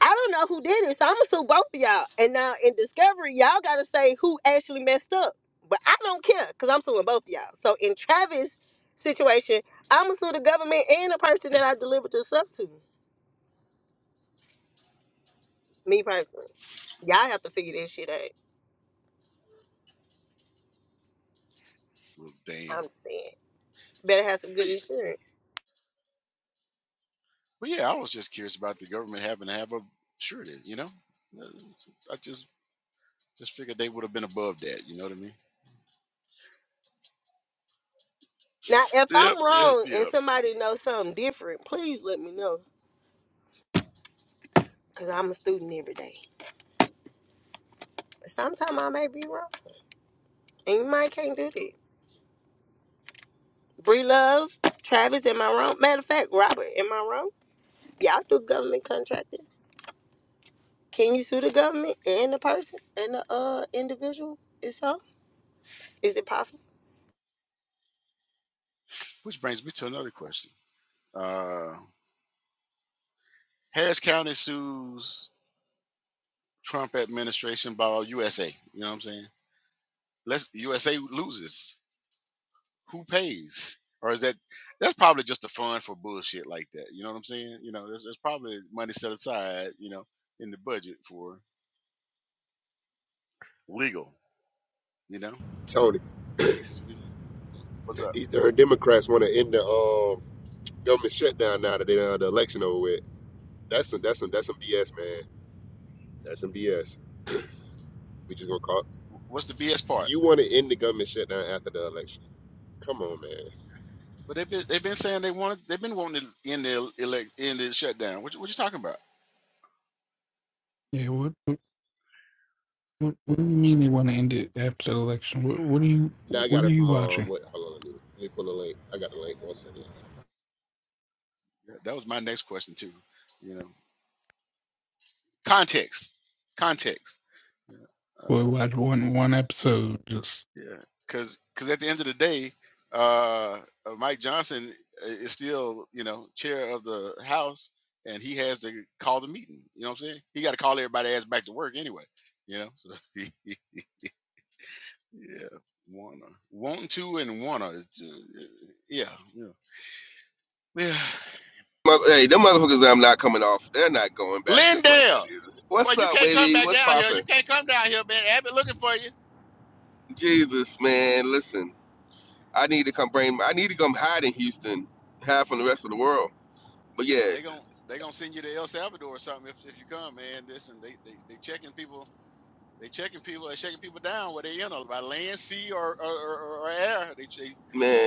S3: i don't know who did it so i'm gonna sue both of y'all and now in discovery y'all gotta say who actually messed up but i don't care because i'm suing both of y'all so in travis situation i'm gonna sue the government and the person that i delivered the stuff to me personally y'all have to figure this shit out
S1: Well, damn.
S3: i'm just saying better have some
S1: But,
S3: good
S1: y-
S3: insurance
S1: but yeah, I was just curious about the government having to have a surety. You know, Uh, I just just figured they would have been above that. You know what I mean?
S3: Now, if
S1: Yep,
S3: I'm
S1: yep,
S3: wrong and
S1: yep.
S3: somebody knows something different, please let me know. Cause I'm a student every day. Sometimes I may be wrong. And you might can't do that. Bree Love, Travis, am I wrong? Matter of fact, Robert, am I wrong? Y'all do government contracting. Can you sue the government and the person and the uh individual itself? Is it possible?
S1: Which brings me to another question. Uh, Harris County sues. Trump administration by USA. You know what I'm saying? Let's USA loses. Who pays? Or is that that's probably just a fund for bullshit like that? You know what I'm saying? You know, there's, there's probably money set aside, you know, in the budget for legal, you know,
S8: Tony,
S1: cases we lose. What's up?
S8: these darn Democrats want to end the um, government shutdown now that they done had the election over with. That's some that's some that's some BS, man. That's some BS. We just gonna call. it.
S1: What's the BS part?
S8: You want to end the government shutdown after the election? Come on, man.
S1: But they've been they've been saying they wanted they've been wanting to end the elect end the shutdown. What you, what you talking about?
S4: Yeah, what, what what what do you mean you want to end it after the election? What what are you
S8: Now I
S4: what
S8: got
S4: are
S8: it
S4: you
S8: from um.
S4: watching?
S8: What? Hold on, let me, let me pull the link. I got the link. One second.
S1: Yeah, That was my next question too. You know, context, context. Yeah.
S4: Boy,
S1: Uh,
S4: watch one one episode. Just
S1: Yeah, because at the end of the day, uh, uh, Mike Johnson i- is still you know chair of the House, and he has to call the meeting. You know what I'm saying? He got to call everybody ass back to work anyway. You know, so he, he- yeah, wanna, want to, and wanna, is ju- yeah, yeah, yeah.
S9: Mother, hey, them motherfuckers I'm not coming off. They're not going back just like
S1: Lindale,
S9: that either.
S1: boy,
S9: What's
S1: you
S9: up,
S1: can't come
S9: baby?
S1: back
S9: What's
S1: down here. You
S9: poppin'?
S1: can't come down here, man. Abbott looking for you.
S9: Jesus, man, listen. I need to come bring. I need to come hide in Houston, hide from the rest of the world. But
S1: Yeah,
S9: yeah,
S1: they gon' they gonna send you to El Salvador or something if, if you come, man. This and they they they checking people They checking people. They shaking people down where they in or by land, sea, or or, or, or air. They they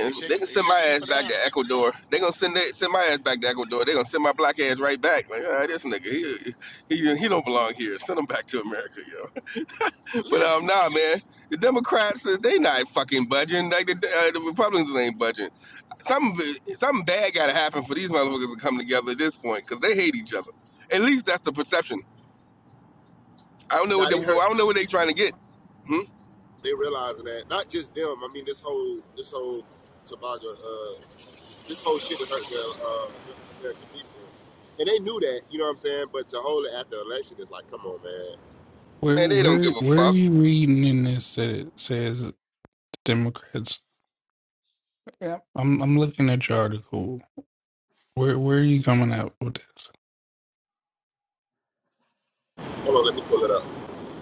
S1: they
S9: they
S1: shaking
S9: can
S1: they
S9: send my
S1: shaking
S9: ass
S1: people
S9: back to
S1: down.
S9: Ecuador. They gonna send they, send my ass back to Ecuador. They gonna send my black ass right back. Like, ah, this nigga, he, he he don't belong here. Send him back to America, yo. But
S1: Li-
S9: um, nah, man, the Democrats they not fucking budging. Like the, uh, the Republicans ain't budging. Something, something bad got to happen for these motherfuckers to come together at this point because they hate each other. At least that's the perception. I don't know
S8: Now
S9: what they,
S8: they hurt.
S9: I don't know what they trying to get. Hmm?
S8: They realizing that not just them. I mean, this whole this whole Tobago, uh, this whole shit is hurting the uh, American people, and they knew that. You know what I'm saying? But to hold it after the election is like, come on, man.
S4: where
S9: Man, they don't give
S4: where
S9: a
S4: where are
S9: fuck.
S4: you reading in this that it says Democrats? Yeah, I'm I'm looking at your article. Where where are you coming out with this?
S8: Hold on, let me pull it up.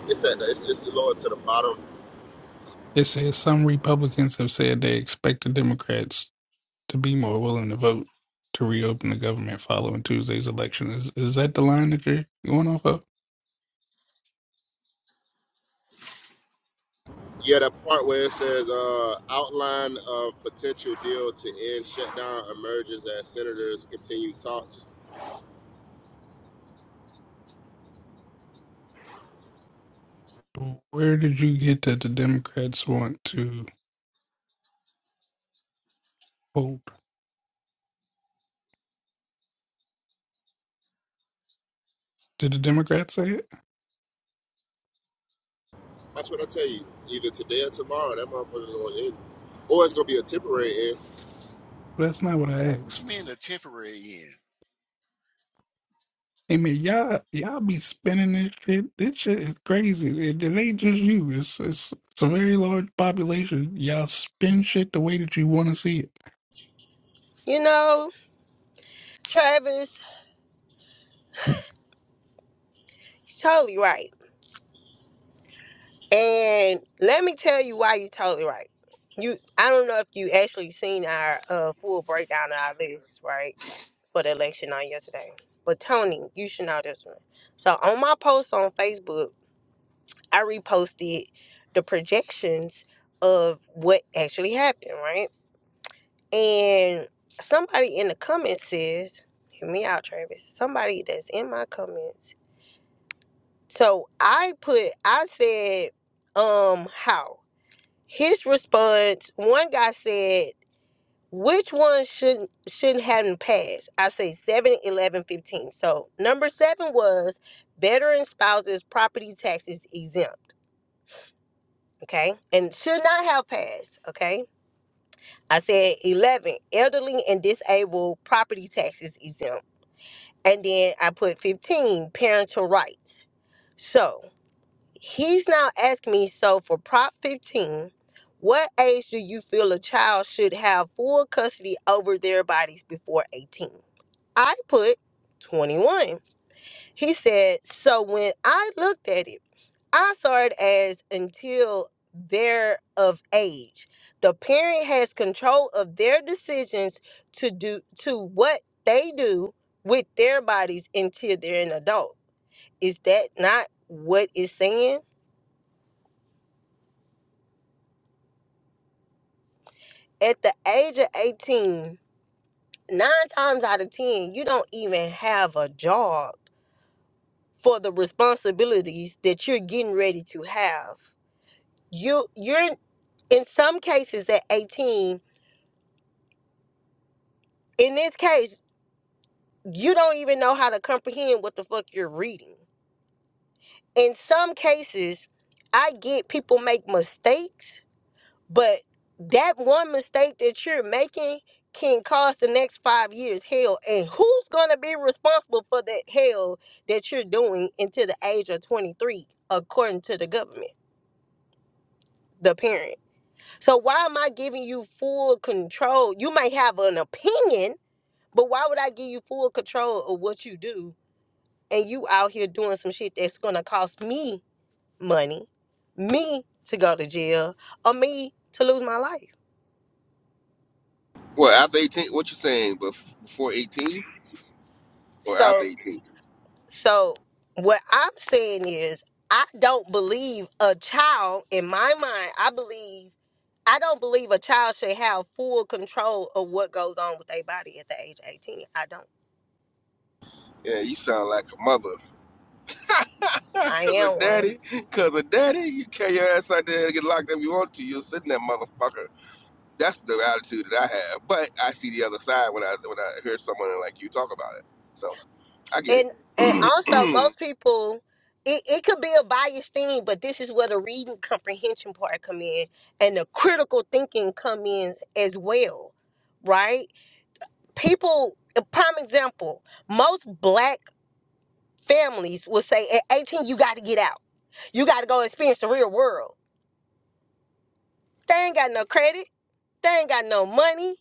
S8: It's at the, it's, it's lower to the bottom.
S4: It says some Republicans have said they expect the Democrats to be more willing to vote to reopen the government following Tuesday's election. Is is that the line that you're going off of?
S8: Yeah, that part where it says uh, outline of potential deal to end shutdown emerges as senators continue talks.
S4: Where did you get that the Democrats want to hold? Did the Democrats say it?
S8: That's what I tell you. Either today or tomorrow, that motherfucker's gonna end, or it's gonna be a temporary end.
S4: Well, That's not what I
S1: What you
S4: asked.
S1: mean the temporary end?
S4: Hey man, y'all y'all be spinning this shit. This shit is crazy. It, it ain't just you. It's, it's it's a very large population. Y'all spin shit the way that you want to see it.
S3: You know, Travis, totally right. And let me tell you why you totally right. You, I don't know if you actually seen our uh, full breakdown of our list, right, for the election on yesterday. But Tony, you should know this one. So on my post on Facebook, I reposted the projections of what actually happened, right? And somebody in the comments says, "Hear me out, Travis." Somebody that's in my comments. So I put, I said, um, how? His response, one guy said, which one shouldn't shouldn't have passed? I say 7, 11, 15. So number seven was veteran spouses property taxes exempt. Okay. And should not have passed. Okay. I said 11, elderly and disabled property taxes exempt. And then I put 15, parental rights. So he's now asking me so for prop 15 what age do you feel a child should have full custody over their bodies before 18 i put 21 he said so when i looked at it i saw it as until they're of age the parent has control of their decisions to do to what they do with their bodies until they're an adult is that not what it's saying at the age of eighteen, nine times out of 10, you don't even have a job for the responsibilities that you're getting ready to have. You you're in some cases at 18, in this case, you don't even know how to comprehend what the fuck you're reading. In some cases, I get people make mistakes But that one mistake that you're making can cost the next five years hell. And who's going to be responsible for that hell that you're doing until the age of 23, according to the government, the parent? So, why am I giving you full control? You might have an opinion, but why would I give you full control of what you do? And you out here doing some shit that's going to cost me money, me to go to jail, or me to lose my life.
S9: Well, after 18, what you saying? Bef- Before 18 or
S3: So.
S9: after 18?
S3: So what I'm saying is I don't believe a child in my mind, I believe I don't believe a child should have full control of what goes on with their body at the age of 18. I don't.
S9: Yeah, you sound like a mother.
S3: I
S9: Cause of
S3: am one.
S9: daddy, cause of daddy, you carry your ass out there and get locked up. if You want to, you're sitting there, motherfucker. That's the attitude that I have. But I see the other side when I when I hear someone like you talk about it. So I get
S3: And and also
S9: it.
S3: most people it, it could be a biased thing, but this is where the reading comprehension part come in and the critical thinking come in as well. Right? People a prime example, most black families will say at 18 you got to get out you got to go experience the real world they ain't got no credit they ain't got no money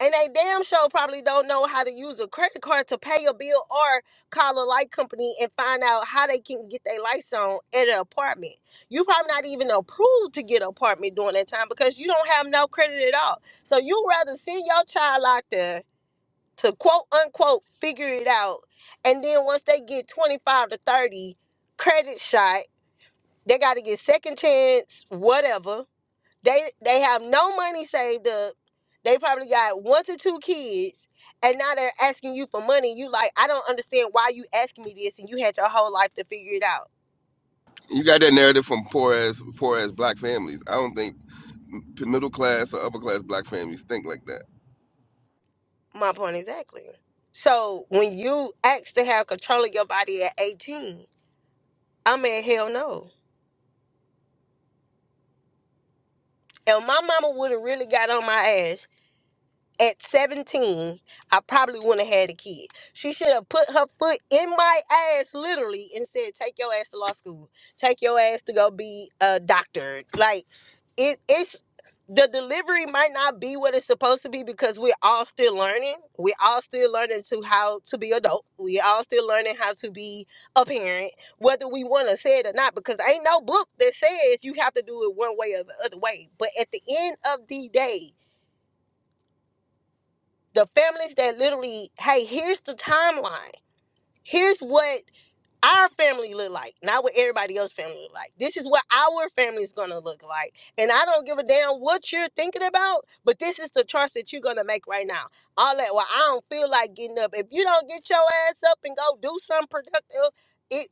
S3: and they damn sure probably don't know how to use a credit card to pay a bill or call a light company and find out how they can get their lights on at an apartment you probably not even approved to get an apartment during that time because you don't have no credit at all so you rather send your child out there to quote unquote figure it out and then once they get 25 to 30 credit shot They got to get second chance, whatever. They they have no money saved up. They probably got one to two kids, and now they're asking you for money. You like, I don't understand why you asking me this, and you had your whole life to figure it out.
S9: You got that narrative from poor as poor as black families. I don't think middle class or upper class black families think like that.
S3: My point exactly. So when you ask to have control of your body at eighteen, I mean, hell no. And my mama would have really got on my ass at 17, I probably wouldn't have had a kid. She should have put her foot in my ass literally and said, Take your ass to law school. Take your ass to go be a doctor. Like it it's the delivery might not be what it's supposed to be because we're all still learning. We're all still learning to how to be adult. We all still learning how to be a parent, whether we want to say it or not, because ain't no book that says you have to do it one way or the other way. But at the end of the day, the families that literally, hey, here's the timeline. Here's what our family look like, not what everybody else's family look like. This is what our family is gonna look like. And I don't give a damn what you're thinking about, but this is the choice that you're gonna make right now. All that, well, I don't feel like getting up. If you don't get your ass up and go do something productive, it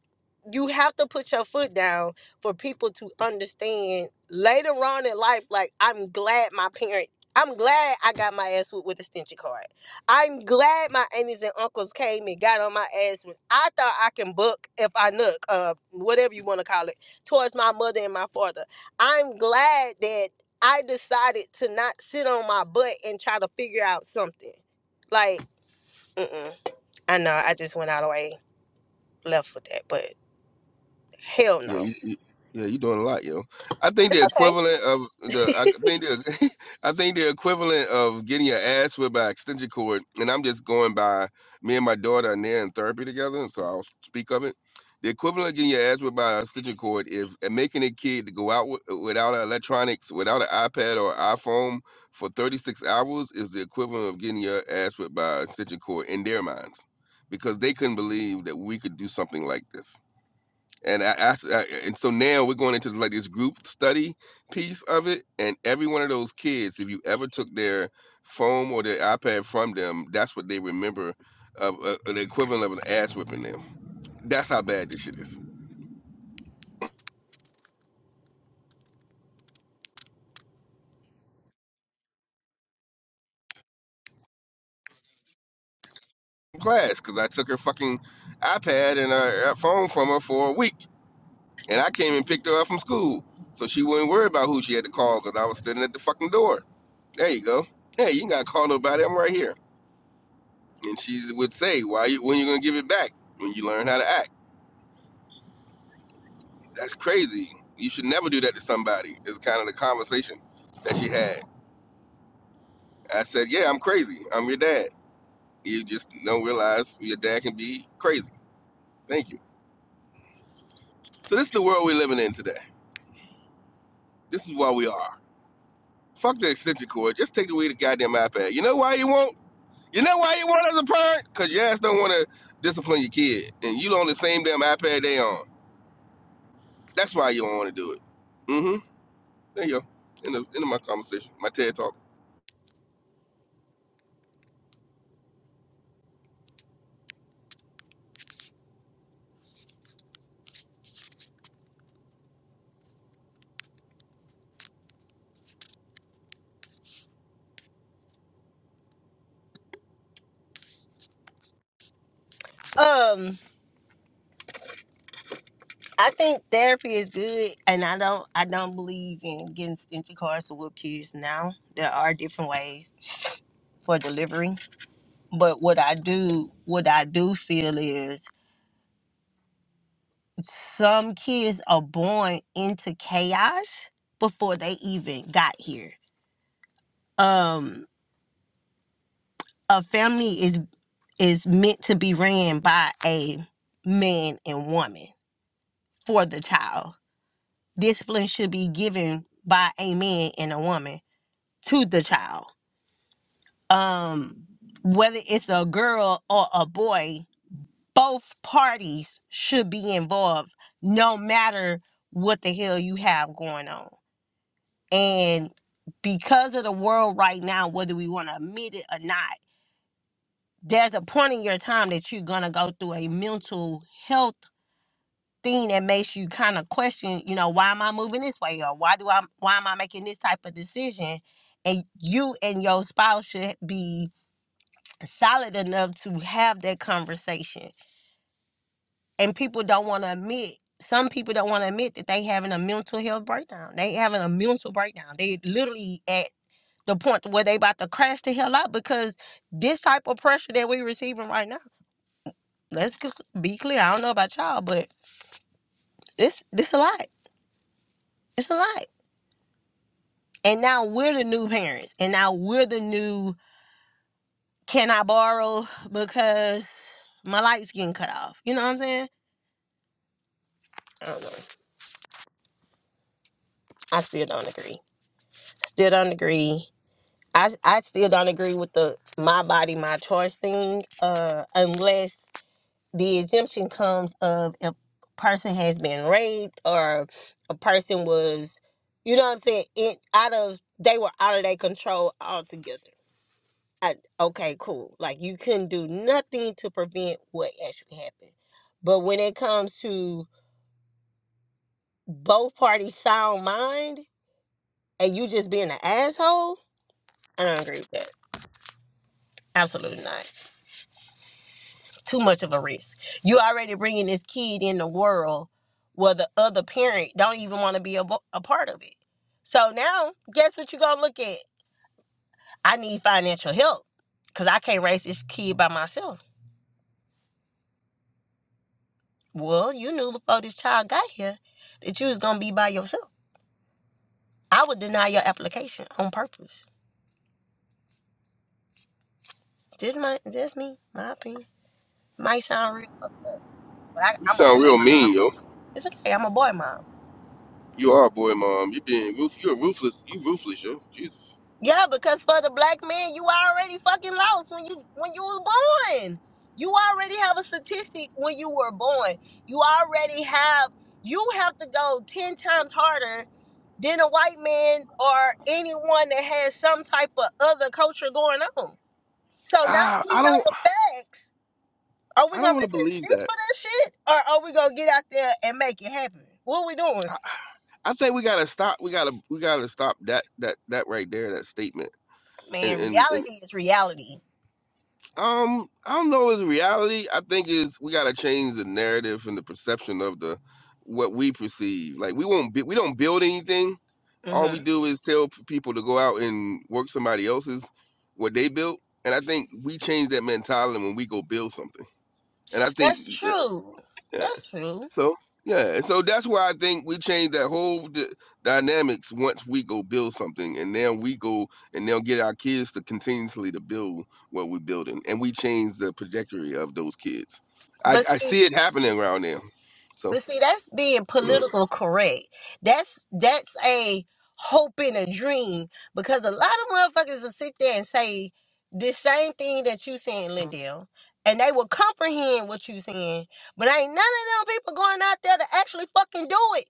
S3: you have to put your foot down for people to understand later on in life, like I'm glad my parent I'm glad I got my ass whooped with a stencil card. I'm glad my aunties and uncles came and got on my ass when I thought I can book if I look, uh, whatever you want to call it, towards my mother and my father. I'm glad that I decided to not sit on my butt and try to figure out something. Like, mm-mm. I know I just went out of the way left with that, but hell
S9: Yeah,
S3: no,
S9: you, you, yeah, you doing a lot, yo. I think
S3: it's
S9: the
S3: okay.
S9: equivalent of the, I think the, I think the equivalent of getting your ass whipped by extension cord, and I'm just going by me and my daughter are there in therapy together, so I'll speak of it. The equivalent of getting your ass whipped by an extension cord is and making a kid to go out with, without electronics, without an iPad or iPhone for 36 hours is the equivalent of getting your ass whipped by an extension cord in their minds, because they couldn't believe that we could do something like this and I, after, I, and so now we're going into like this group study piece of it and every one of those kids if you ever took their phone or their ipad from them that's what they remember of uh, the equivalent of an ass whipping them that's how bad this shit is class because i took her fucking ipad and her, her phone from her for a week and i came and picked her up from school so she wouldn't worry about who she had to call because i was standing at the fucking door there you go hey you ain't gotta call nobody i'm right here And she would say, "Why? You, when you gonna give it back? When you learn how to act? That's crazy. You should never do that to somebody." Is kind of the conversation that she had. I said, "Yeah, I'm crazy. I'm your dad. You just don't realize your dad can be crazy." Thank you. So this is the world we're living in today. This is why we are. Fuck the extension cord. Just take away the goddamn iPad. You know why you won't? You know why you won't as a parent? Cause your ass don't want to discipline your kid, and you on the same damn iPad they on. That's why you don't want to do it. Mhm. There you go. End of, end of my conversation. My TED talk.
S3: Um, I think therapy is good, and I don't, I don't believe in getting stingy cars to whoop kids. Now there are different ways for delivery But what I do, what I do feel is some kids are born into chaos before they even got here. Um, a family is is meant to be ran by a man and woman for the child. Discipline should be given by a man and a woman to the child. Um, whether it's a girl or a boy, both parties should be involved no matter what the hell you have going on and because of the world right now whether we want to admit it or not there's a point in your time that you're going to go through a mental health thing that makes you kind of question you know why am i moving this way or why do i why am i making this type of decision and you and your spouse should be solid enough to have that conversation and people don't want to admit some people don't want to admit that they having a mental health breakdown they having a mental breakdown they literally at the point where they about to crash the hell out because this type of pressure that we receiving right now let's just be clear i don't know about y'all but it's this a lot it's a lot and now we're the new parents and now we're the new can i borrow because my lights getting cut off you know what i'm saying i don't know i still don't agree still don't agree I I still don't agree with the my body my choice thing, uh, unless the exemption comes of if a person has been raped or a person was, you know what I'm saying, in out of they were out of their control altogether. I, okay, cool. Like you couldn't do nothing to prevent what actually happened. But when it comes to both parties sound mind and you just being an asshole, I don't agree with that. Absolutely not. too much of a risk. You already bringing this kid in the world where the other parent don't even want to be a, a part of it. So now, guess what you're going to look at? I need financial help because I can't raise this kid by myself. Well, you knew before this child got here that you was going to be by yourself. I would deny your application on purpose. Just my, just me, my opinion. Might sound real fucked up, but I,
S9: You
S3: I'm a
S9: sound real
S3: boy
S9: mean,
S3: mom.
S9: yo.
S3: It's okay. I'm a boy mom.
S9: You are, boy, mom. You being roof. You're ruthless. You ruthless, yo. Jesus.
S3: Yeah, because for the black man, you already fucking lost when you when you was born. You already have a statistic when you were born. You already have you have to go ten times harder than a white man or anyone that has some type of other culture going on. So now that
S9: Ah,
S3: we
S9: I
S3: know
S9: don't.
S3: the facts, are we
S9: I don't
S3: gonna
S9: want to
S3: make an
S9: believe
S3: excuse
S9: that.
S3: for that shit? Or are we gonna get out there and make it happen? What we doing?
S9: I, I think we gotta stop. We gotta. We gotta stop that. That. That right there. That statement. And.
S3: Man,
S9: And. and
S3: reality is reality.
S9: Um, I don't know. Is reality? I think is we gotta change the narrative and the perception of the what we perceive. Like we won't be, we don't build anything. All we
S3: hmm
S9: do is tell p- people to go out and work somebody else's what they built. And I think we change that mentality when we go build something. And I
S3: That's
S9: think,
S3: true.
S9: yeah.
S3: That's true.
S9: So yeah, so that's why I think we change that whole d- dynamics once we go build something, and then we go and they'll get our kids to continuously to build what we're building, and we change the trajectory of those kids. I,
S3: But
S9: I
S3: see,
S9: see it happening around there. So
S3: but see, that's being political correct. That's that's a hope and a dream because a lot of motherfuckers will sit there and say the same thing that you saying, Lindell, and they will comprehend what you saying. But ain't none of them people going out there to actually fucking do it.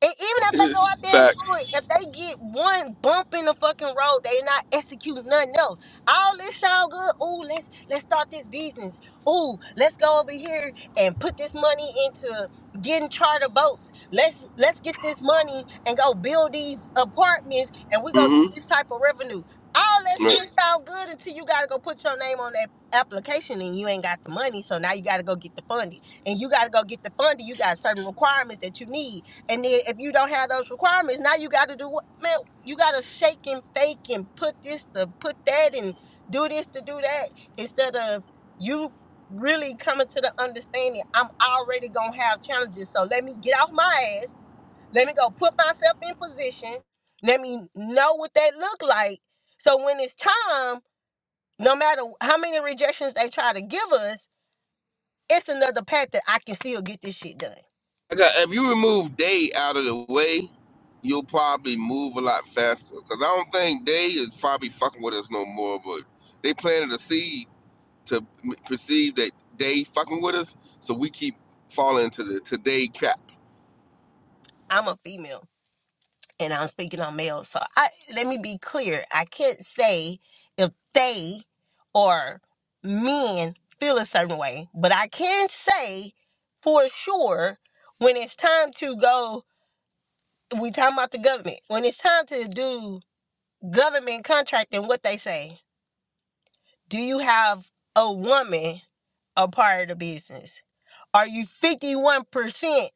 S3: And even if they go out there and
S9: facts.
S3: do it, if they get one bump in the fucking road, they not executing nothing else. All this sound good. Ooh, let's let's start this business. Ooh, let's go over here and put this money into getting charter boats. Let's let's get this money and go build these apartments, and we gonna get
S9: Mm-hmm.
S3: this type of revenue. All that
S9: Right.
S3: shit sound good until you gotta go put your name on that application and you ain't got the money, so now you gotta go get the funding. And you gotta go get the funding. You got certain requirements that you need and then if you don't have those requirements, now you got to do what, man? You got to shake and fake and put this to put that and do this to do that instead of you really coming to the understanding I'm already gonna have challenges. So let me get off my ass. Let me go put myself in position. Let me know what they look like. So when it's time, no matter how many rejections they try to give us, it's another path that I can still get this shit done.
S9: I got, if you remove day out of the way, you'll probably move a lot faster. Cause I don't think day is probably fucking with us no more, but they planted a seed to m- perceive that they fucking with us, so we keep falling to the today trap.
S3: I'm a female and I'm speaking on males. So I let me be clear. I can't say if they or men feel a certain way, but I can say for sure when it's time to go we talking about the government. When it's time to do government contracting, what they say, do you have a woman a part of the business? Are you 51%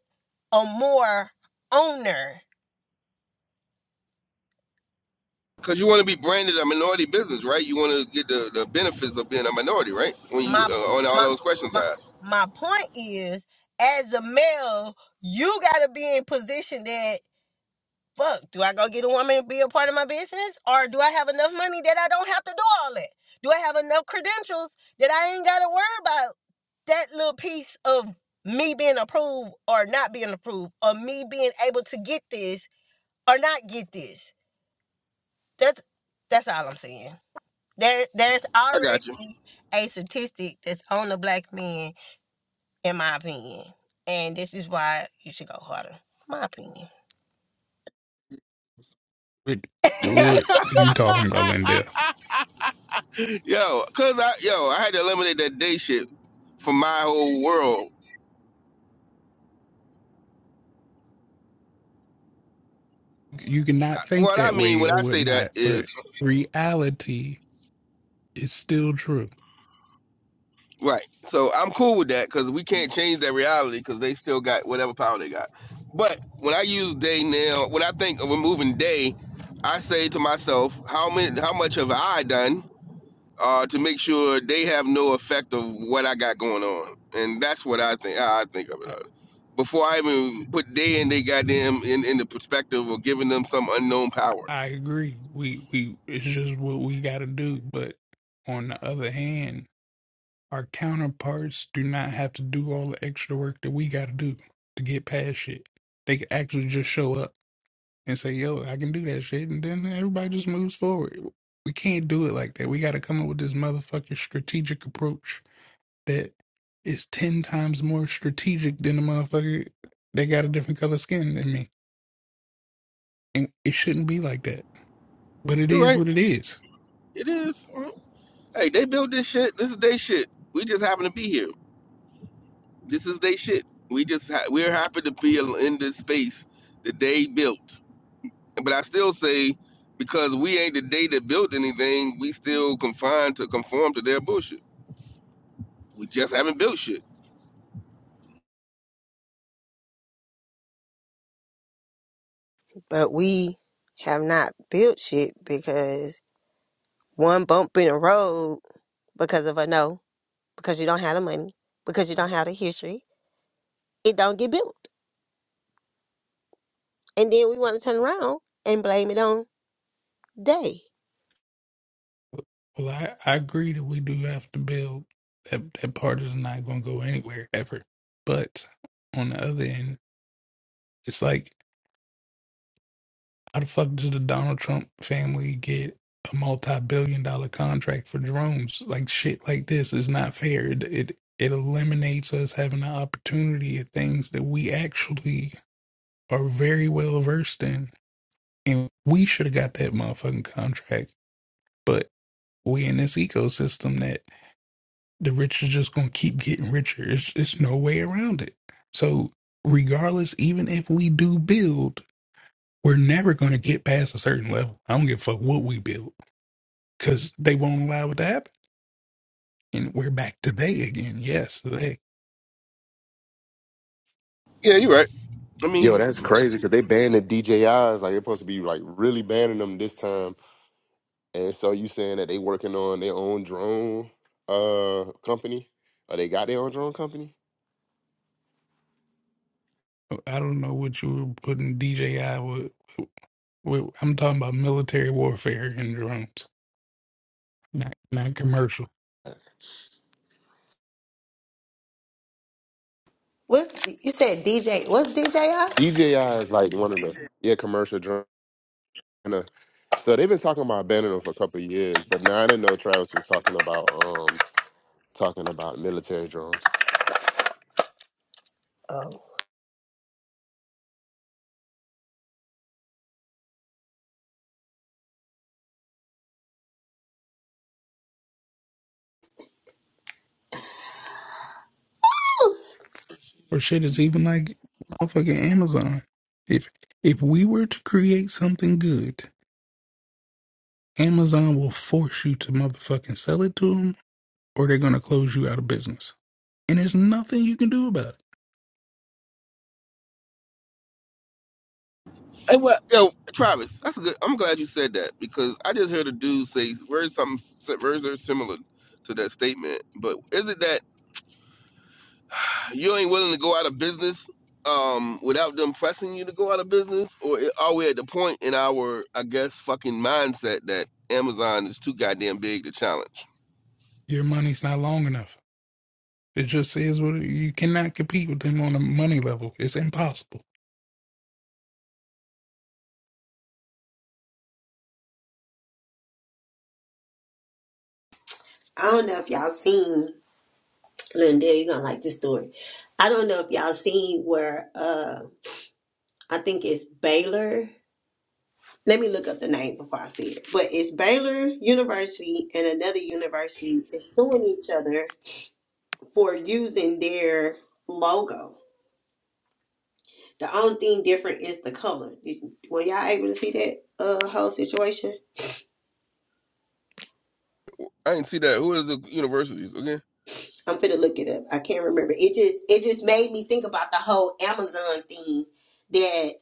S3: or more owner?
S9: Because you want to be branded a minority business, right? You want to get the, the benefits of being a minority, right? When you
S3: My
S9: uh, on all
S3: my
S9: those questions
S3: my
S9: I asked.
S3: my point is as a male, you gotta be in position that fuck, do I go get a woman to be a part of my business? Or do I have enough money that I don't have to do all that? Do I have enough credentials that I ain't gotta worry about that little piece of me being approved or not being approved or me being able to get this or not get this that's that's all i'm saying There, there's
S9: I got you.
S3: already a statistic that's on the black men, in my opinion, and this is why you should go harder. My opinion.
S4: What what you talking about, Lindell?
S9: Yo, cause I yo, I had to eliminate that day shit from my whole world.
S4: You can not think
S9: What I
S4: that
S9: mean
S4: way
S9: when
S4: or
S9: I say that
S4: whatnot, but
S9: is
S4: reality is still true.
S9: Right. So I'm cool with that because we can't change that reality because they still got whatever power they got. But when I use day now, when I think of removing day, I say to myself, how many, how much have I done uh, to make sure they have no effect of what I got going on? And that's what I think. How I think of it.
S4: I,
S9: uh, Before I even put day in, they goddamn in in the perspective of giving them some unknown power.
S4: I agree. We we it's just what we got to do. But on the other hand, our counterparts do not have to do all the extra work that we got to do to get past shit. They can actually just show up and say, "Yo, I can do that shit," and then everybody just moves forward. We can't do it like that. We got to come up with this motherfucking strategic approach that is ten times more strategic than the motherfucker that got a different color skin than me. And it shouldn't be like that. But it
S9: You're
S4: is
S9: right.
S4: what it is.
S9: It is. Mm-hmm. Hey, they built this shit. This is their shit. We just happen to be here. This is they shit. We just ha- we're happy to be in this space that they built. But I still say because we ain't the day that built anything, we still confined to conform to their bullshit. We just haven't built shit.
S3: But we have not built shit because one bump in the road because of a no, because you don't have the money, because you don't have the history, it don't get built. And then we want to turn around and blame it on day.
S4: Well, I, I agree that we do have to build that that part is not gonna go anywhere ever. But on the other end, it's like how the fuck does the Donald Trump family get a multi-billion dollar contract for drones like shit like this is not fair it, it it eliminates us having the opportunity of things that we actually are very well versed in, and we should have got that motherfucking contract. But we in this ecosystem that the rich is just gonna keep getting richer. It's it's no way around it. So regardless, even if we do build, we're never gonna get past a certain level. I don't give a fuck what we build because they won't allow it to happen. And we're back to they again. Yes, they.
S9: Yeah, you're right. I
S8: Yo, that's
S9: mean,
S8: crazy because they banned the DJIs. Like they're supposed to be like really banning them this time. And so you saying that they working on their own drone uh company? Or they got their own drone company?
S4: I don't know what you were putting DJI with. with I'm talking about military warfare and drones, not not commercial.
S3: What's you said DJ? What's DJ? I?
S8: DJI is like one of the yeah commercial drones. Atlanta. So they've been talking about banning them for a couple of years, but now I didn't know Travis was talking about um talking about military drones
S3: Oh,
S4: or shit is even like motherfucking Amazon. If if we were to create something good, Amazon will force you to motherfucking sell it to them, or they're gonna close you out of business. And there's nothing you can do about it.
S9: hey, well, yo, Travis, that's a good. I'm glad you said that because I just heard a dude say words something words are similar to that statement. But is it that? you ain't willing to go out of business um without them pressing you to go out of business or are we at the point in our i guess fucking mindset that amazon is too goddamn big to challenge
S4: Your money's not long enough. It just is what it- you cannot compete with them on a money level. It's impossible.
S3: I don't know if y'all seen. Lindell, you're gonna like this story. I don't know if y'all seen where uh I think it's Baylor. Let me look up the name before I see it. But it's Baylor University and another university is suing each other for using their logo. The only thing different is the color. Did, were y'all able to see that uh whole situation?
S9: i didn't see that who is the universities okay
S3: I'm finna look it up. I can't remember. It just it just made me think about the whole Amazon thing that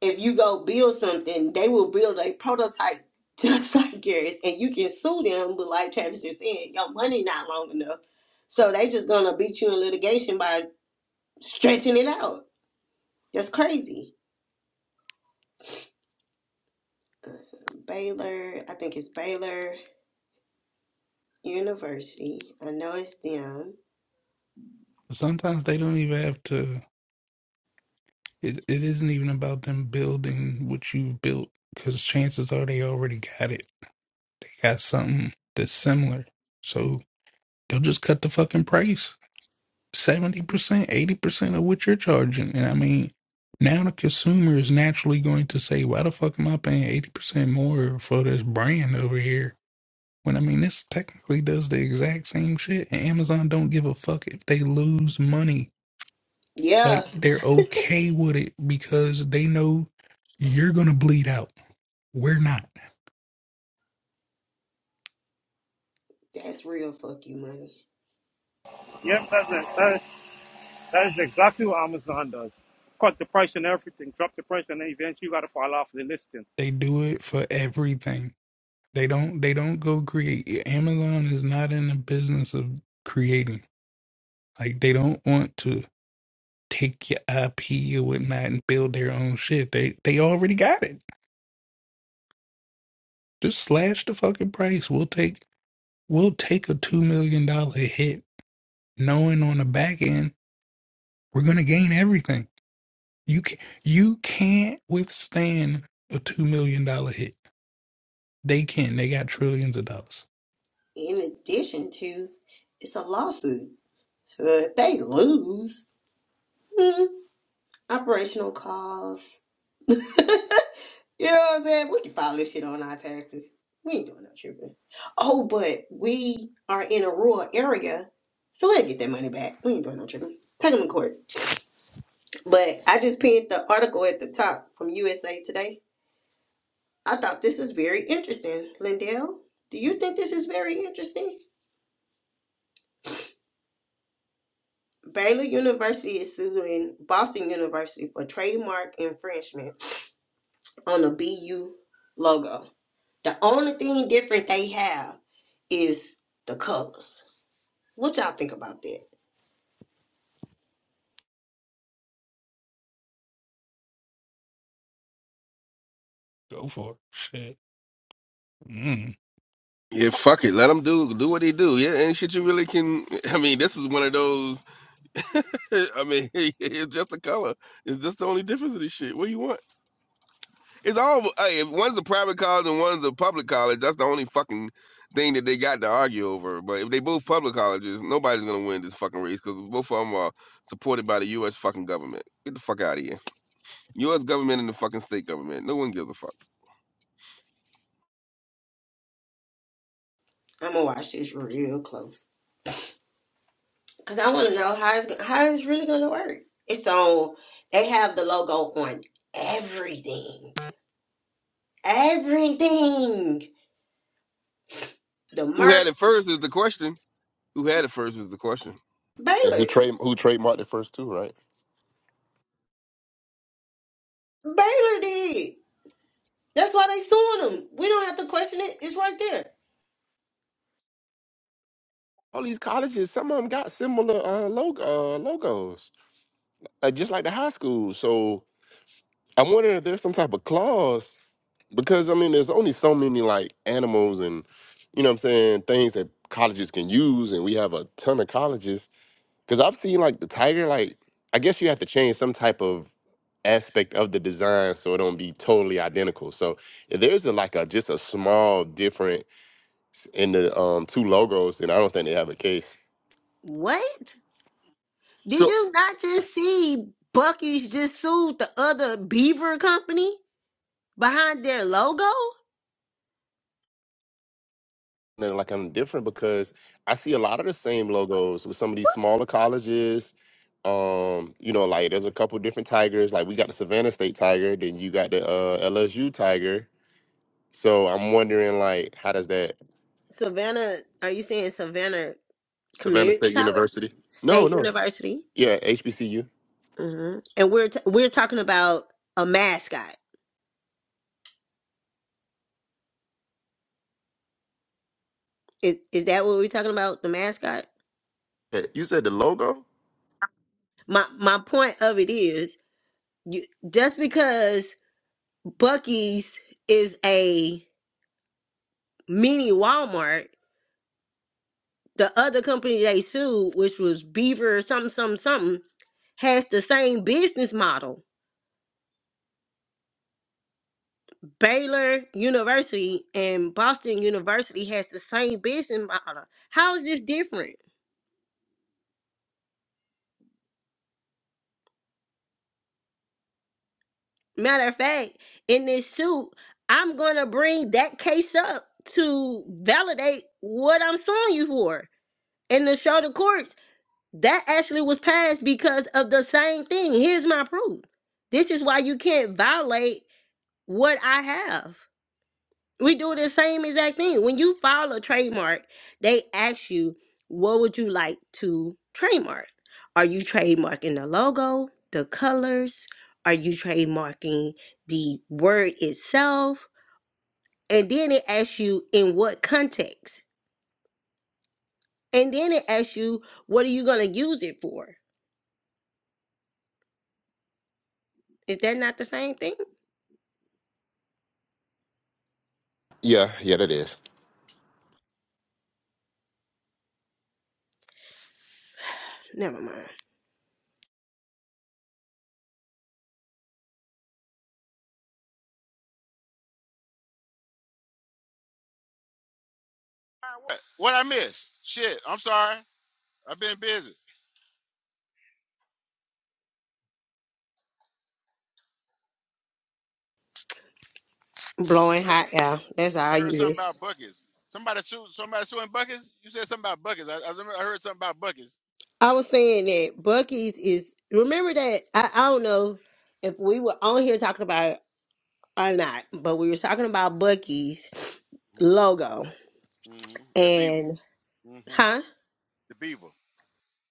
S3: if you go build something, they will build a prototype just like yours, and you can sue them. But like Travis is saying, your money not long enough, so they just gonna beat you in litigation by stretching it out. That's crazy. Baylor, I think it's Baylor University. I know it's them.
S4: Sometimes they don't even have to. It, it isn't even about them building what you've built because chances are they already got it. They got something that's similar. So They'll just cut the fucking price. 70%, 80% of what you're charging. And I mean, now the consumer is naturally going to say, why the fuck am I paying 80% more for this brand over here? When I mean, this technically does the exact same shit. And Amazon don't give a fuck if they lose money.
S3: Yeah,
S4: Like, they're okay with it because they know you're going to bleed out. We're not.
S3: that's real fuck you money.
S10: Yep, that's it. That is, that is exactly what Amazon does. Cut the price on everything, drop the price, and then eventually you got to fall off the list.
S4: They do it for everything They don't they don't go create Amazon is not in the business of creating. Like they don't want to take your IP or whatnot and build their own shit. They they already got it. Just slash the fucking price. We'll take we'll take a two million dollar hit, knowing on the back end we're gonna gain everything. You can you can't withstand a two million dollar hit. They can. They got trillions of dollars.
S3: In addition to, it's a lawsuit. So if they lose, hmm, operational costs. You know what I'm saying? We can file this shit on our taxes. We ain't doing no tripping. Oh, but we are in a rural area, so we'll get that money back. We ain't doing no tripping. Take them to court. But I just pinned the article at the top from USA Today. I thought this was very interesting. Lindell, do you think this is very interesting? Baylor University is suing Boston University for trademark infringement on the BU logo. The only thing different they have is the colors. What y'all think about that?
S4: Go for it. Shit. Mm.
S9: yeah fuck it let them do do what they do yeah ain't shit you really can i mean this is one of those i mean it's just the color it's just the only difference of this shit what do you want It's all hey, if one's a private college and one's a public college. That's the only fucking thing that they got to argue over. But if they both public colleges, nobody's gonna win this fucking race because both of them are supported by the U.S. fucking government. Get the fuck out of here. U.S. government and the fucking state government. No one gives a fuck.
S3: I'm gonna watch this real close because I want to know how it's how it's really gonna work. It's on. They have the logo on everything. Everything. The
S9: Who had
S3: merch.
S9: it first is the question. Who had it first is the question.
S8: and who
S3: Baylor.
S8: trade who trademarked the first two, right?
S3: Baylor did. That's why they suing them. We don't have to question it. It's right there.
S8: All these colleges, some of them got similar uh, logo, uh logos, like just like the high school. So I'm wondering if there's some type of clause because I mean, there's only so many like animals and you know what I'm saying things that colleges can use, and we have a ton of colleges Because I've seen like the tiger, like I guess you have to change some type of aspect of the design so it don't be totally identical. So if there's a, like a just a small difference in the um two logos, then I don't think they have a case.
S3: What? Did
S8: So
S3: you not just see Bucky's just sued the other beaver company behind their logo?
S8: then like I'm different because I see a lot of the same logos with some of these smaller colleges. Um, you know, like there's a couple different tigers. Like we got the Savannah State Tiger, then you got the uh, LSU Tiger. So I'm wondering, like, how does that
S3: Savannah, are you saying Savannah?
S8: Savannah
S3: community
S8: State
S3: college,
S8: University? No,
S3: state
S8: no,
S3: university,
S8: Yeah, HBCU.
S3: hmm and we're t- we're talking about a mascot. Is is that what we're talking about? The mascot.
S8: Eh, You said the logo?
S3: My my point of it is, you, just because Bucky's is a mini Walmart, the other company they sued, which was Beaver something something something, has the same business model. Baylor University and Boston University has the same business model. How is this different? Matter of fact, in this suit, I'm going to bring that case up to validate what I'm suing you for and to show the courts that actually was passed because of the same thing. Here's my proof. This is why you can't violate what I have. We do the same exact thing. When you file a trademark, they ask you, what would you like to trademark? Are you trademarking the logo, the colors? Are you trademarking the word itself? And then it asks you in what context. And then it asks you, what are you going to use it for? Is that not the same thing?
S8: Yeah, yeah, that is.
S3: Never mind.
S1: What, what I miss? Shit, I'm sorry. I've been busy.
S3: Blowing
S1: I heard,
S3: hot air. That's all
S1: I heard something
S3: you
S1: about buckets. Somebody sue somebody suing buckets. You said something about buckets. I I, remember I heard something about buckets.
S3: I was saying that Bucky's is remember that I, I don't know if we were on here talking about it or not, but we were talking about Bucky's logo
S1: Mm-hmm. mm-hmm. That beaver.
S3: and
S1: Mm-hmm.
S3: huh?
S1: The beaver.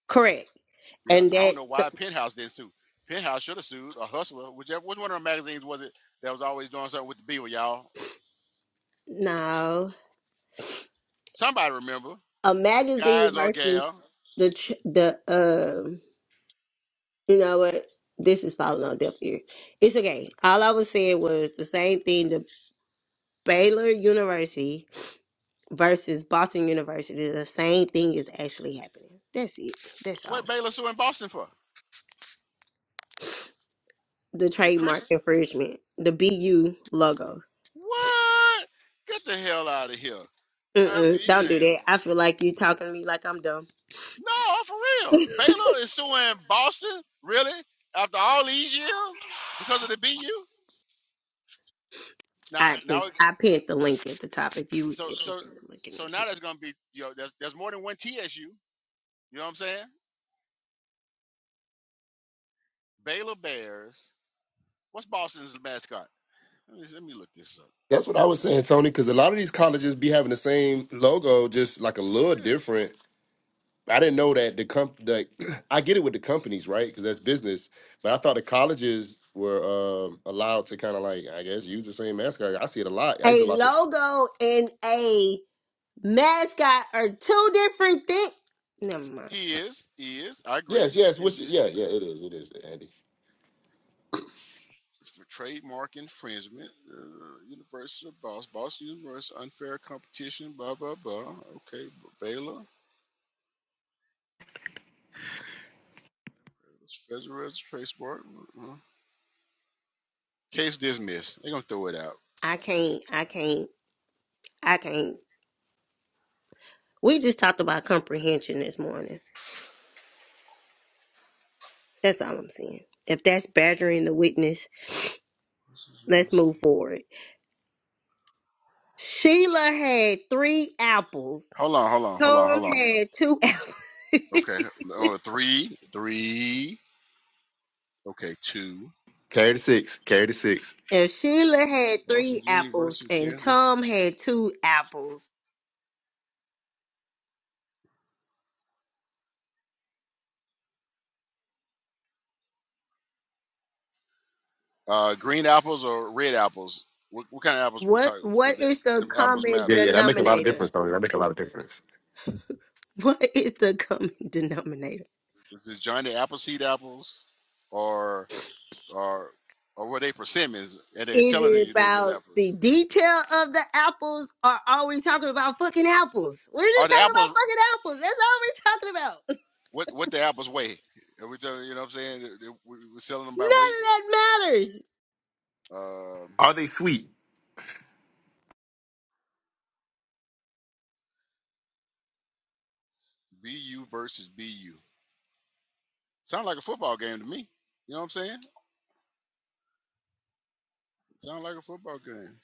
S3: Correct.
S1: Yeah.
S3: And
S1: I don't
S3: that
S1: know why Penthouse didn't sue. Penthouse should have sued or Hustler, whichever. Which one of the magazines was it that was always doing something with the beaver, y'all?
S3: no,
S1: Somebody remember,
S3: a magazine
S1: guys or
S3: versus
S1: gal,
S3: the tr- the um you know what? This is falling on deaf ear. It's okay. All I was saying was the same thing. The Baylor University versus Boston University. The same thing is actually happening. That's it. That's all.
S1: what Baylor suing Boston for?
S3: the
S1: The
S3: trademark
S1: Christian?
S3: infringement, the BU logo.
S1: What? Get the hell out of here. I'll
S3: Mm-mm,
S1: be
S3: don't do
S1: damned.
S3: that. I feel like you talking to me like I'm dumb.
S1: No, for real. Baylor is suing Boston, really? After all these years? Because of the BU? Now
S3: I
S1: now
S3: just I pinned the link at the top if you was
S1: so so
S3: interested in looking
S1: so
S3: into.
S1: now
S3: it.
S1: there's gonna be you know, there's there's more than one TSU. You know what I'm saying? Baylor Bears. What's Boston's mascot? Let me, let me look this up.
S8: That's what I was saying, Tony, because a lot of these colleges be having the same logo, just like a little
S1: Yeah.
S8: different. I didn't know that the comp that I get it with the companies, right? Because that's business. But I thought the colleges were um, allowed to kind of like, I guess, use the same mascot. I see it a lot. I used to
S3: A
S8: lot to.
S3: logo and a mascot are two different things. Never mind.
S1: Is, is, I agree.
S8: Yes, yes, which
S1: Is it?
S8: yeah, yeah, it
S1: Uh,
S8: is, it is, Andy.
S1: for trademark infringement, uh, University of Boston, Boston University, unfair competition, blah, blah, blah. Okay, Baylor, Federal Registration Board. uh-uh. Case dismissed. They're going to throw it out.
S3: I can't. I can't. I can't. We just talked about comprehension this morning. That's all I'm saying. If that's badgering the witness, let's move forward. Sheila had three apples
S1: Hold on, hold on, hold on,
S3: Tom
S1: hold on.
S3: had two apples.
S1: Okay, on a three, three, okay, two.
S8: Carry the six. Carry the six.
S3: if Sheila had
S1: Boston
S3: three apples
S1: University,
S3: and
S1: Kansas.
S3: Tom had two apples,
S1: Uh, green apples or red apples? What, what kind of apples are we
S3: what
S1: talking? Because
S3: what
S1: the
S3: is the
S1: them apples
S3: common
S1: matter.
S8: Yeah, yeah, that make a lot of
S3: denominator?
S8: difference, Tony. That make a lot of difference.
S3: What is the common denominator?
S1: Is this Johnny Appleseed apples or or or were they persimmons? And they
S3: Is
S1: telling
S3: it
S1: you that it's
S3: about the
S1: apples.
S3: detail of the apples or are we talking about fucking apples? We're just
S1: Are the
S3: talking about
S1: apples
S3: fucking apples. That's all we're talking about.
S1: what what the apples weigh? Are we telling, you know what I'm saying? They- they- we- We're selling them by weight.
S3: None of that matters.
S1: Um,
S8: Are they sweet?
S1: BU versus BU. Sound like a football game to me. You know what I'm saying? Sound like a football game.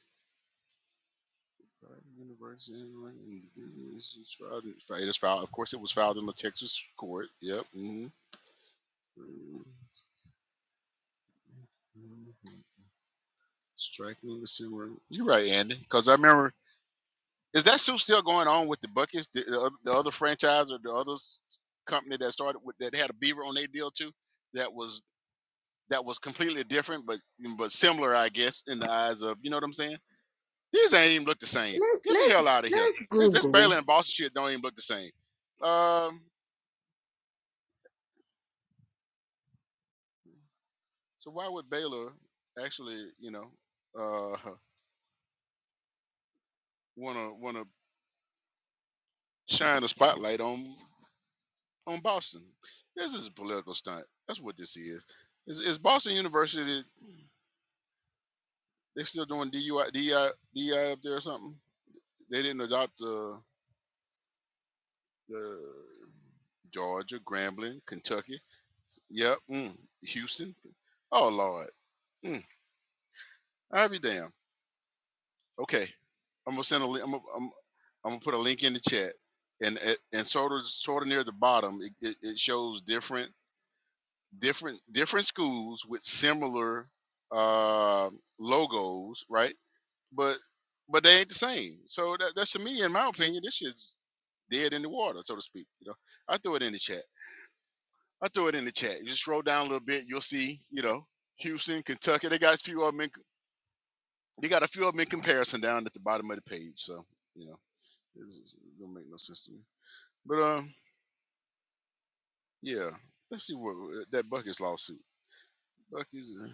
S1: Right, University, it is filed. It's filed. It's filed. Of course, it was filed in the Texas court. Yep. hmm Striking the similar. You're right, Andy. Because I remember Is that suit still going on with the Buckets, the, the, oth- the other franchise or the other s- company that started with that had a beaver on their deal too? That was that was completely different, but mm, but similar, I guess, in the eyes of you know what I'm saying. These ain't even look the same.
S3: Let,
S1: Get the
S3: let's
S1: hell out of here.
S3: let's
S1: This this Baylor
S3: Google.
S1: and Boston shit don't even look the same. Um, so why would Baylor actually, you know, uh, wanna wanna shine a spotlight on on Boston? This is a political stunt. That's what this is. Is, is Boston University? They still doing DUI, DI, DI up there or something. They didn't adopt the the Georgia, Grambling, Kentucky. Yep, mm, Houston. Oh Lord, mm, I'll be damned. Okay, I'm gonna send a link. I'm gonna, I'm, I'm gonna put a link in the chat, and it- and sort of sort of near the bottom, it, it, it shows different different different schools with similar uh, logos, right? But but they ain't the same. So that, that's to me, in my opinion, this shit's. dead in the water, so to speak. You know, I threw it in the chat. I threw it in the chat. You just scroll down a little bit, you'll see. You know, Houston, Kentucky. They got a few of them. In, they got a few of them in comparison down at the bottom of the page. So you know, this is, it don't make no sense to me. But um, yeah. Let's see what uh, that Bucky's lawsuit. Bucky's. Uh,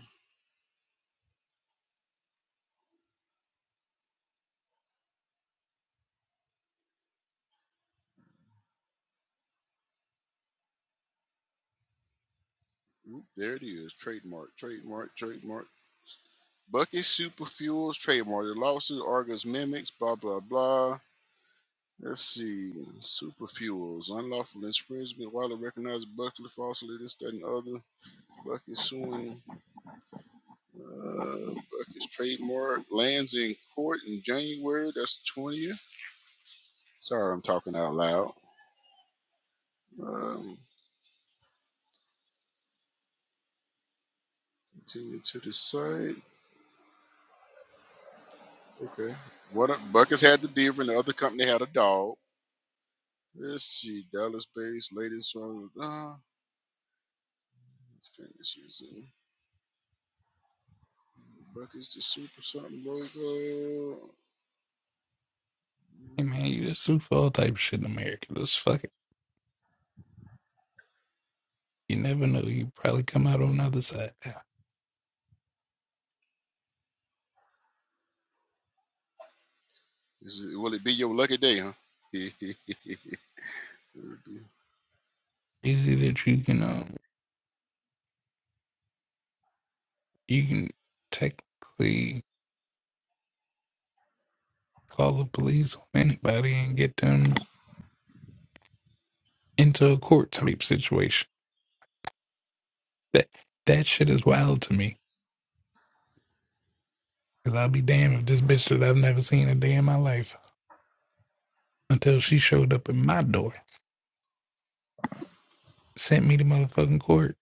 S1: oop, there it is. Trademark. Trademark. Trademark. Bucky Super Fuels trademark. The lawsuit argues mimics, blah, blah, blah. Let's see. Superfuels Unlawful infringement. While it recognized Buckley falsely, this, that, and other. Buckley suing uh, Buckley's trademark. Lands in court in January. That's 20th. Sorry, I'm talking out loud. Um, continue to the site. Okay. What a, Buckley's had the beaver and the other company had a dog. Let's see. Dallas based latest one. Uh, finish using Buckley's the super something logo.
S4: Hey man, you just sue for all type of shit in America. Just fuck it. You never know. You probably come out on the other side. Yeah.
S1: Is it, will it be your lucky day, huh?
S4: Easy that you can um you can technically call the police on anybody and get them into a court type situation. That that shit is wild to me. Cause I'll be damned if this bitch that I've never seen a day in my life until she showed up at my door, sent me to motherfucking court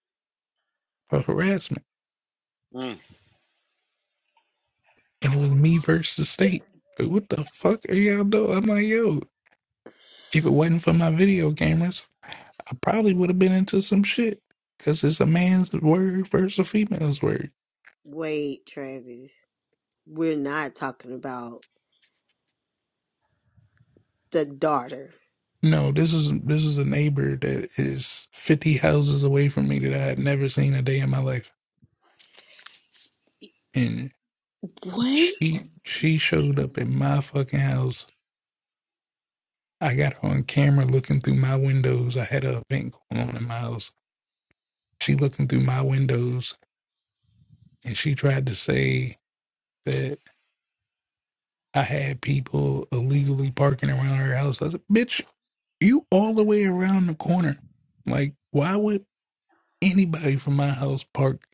S4: for harassment,
S1: mm,
S4: and it was me versus the state. Like, what the fuck are y'all doing? I'm like, yo, If it wasn't for my video gamers, I probably would have been into some shit. Cause it's a man's word versus a female's word.
S3: Wait, Travis. We're not talking about the daughter.
S4: No, this is this is a neighbor that is fifty houses away from me that I had never seen a day in my life, and
S3: What?
S4: she she showed up at my fucking house. I got her on camera looking through my windows. I had a event going on in my house. She looking through my windows, and she tried to say that I had people illegally parking around her house. I said, "Bitch, you all the way around the corner. Like, why would anybody from my house park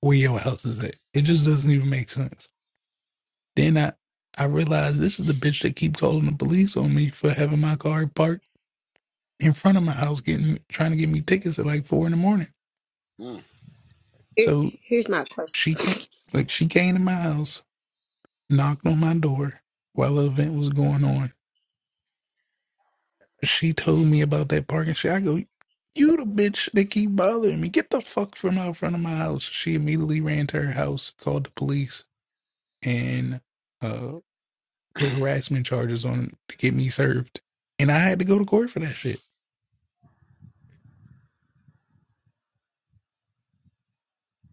S4: where your house is at? It just doesn't even make sense. Then I, I realized this is the bitch that keep calling the police on me for having my car parked in front of my house, getting trying to get me tickets at like four in the morning.
S1: mm.
S3: Here-
S4: So
S3: Here's my question.
S4: she came, like, she came to my house, knocked on my door while the event was going on, She told me about that parking shit. I go, you the bitch that keep bothering me. Get the fuck from out front of my house. She immediately ran to her house, called the police, and uh, put harassment charges on to get me served. And I had to go to court for that shit.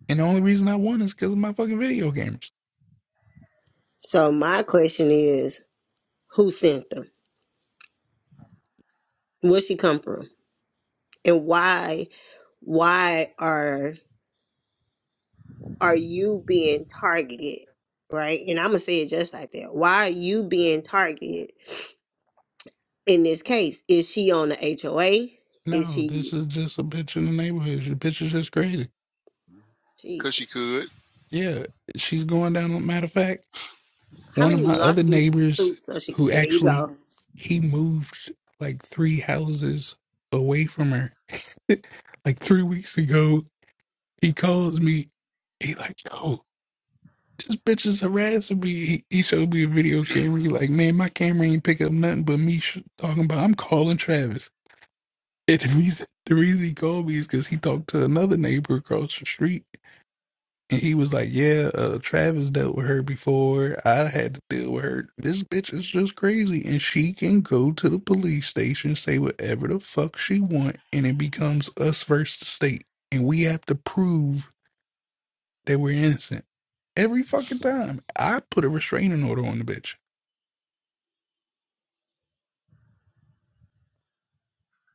S4: And the only reason I won is because of my fucking video cameras.
S3: So my question is, who sent them? Where she come from? And why why are are you being targeted? Right? And I'm gonna say it just like that. Why are you being targeted in this case? Is she on the HOA? Is
S4: No, this
S3: she
S4: is just a bitch in the neighborhood. The bitch is just crazy.
S1: Cause she
S3: Jesus.
S1: could.
S4: Yeah, she's going down. Matter of fact.
S3: How
S4: One of
S3: many
S4: my other
S3: lawsuits
S4: neighbors
S3: suits are she
S4: who
S3: there you
S4: actually
S3: go.
S4: he moved like three houses away from her. Like three weeks ago, he calls me. He like, yo, this bitch is harassing me. He, he showed me a video camera. He like, man, my camera ain't pick up nothing but me sh- talking about I'm calling Travis. And the reason the reason he called me is because he talked to another neighbor across the street And he was like, "Yeah, uh, Travis dealt with her before. I had to deal with her. This bitch is just crazy, and she can go to the police station, say whatever the fuck she want, and it becomes us versus the state, and we have to prove that we're innocent every fucking time. I put a restraining order on the bitch,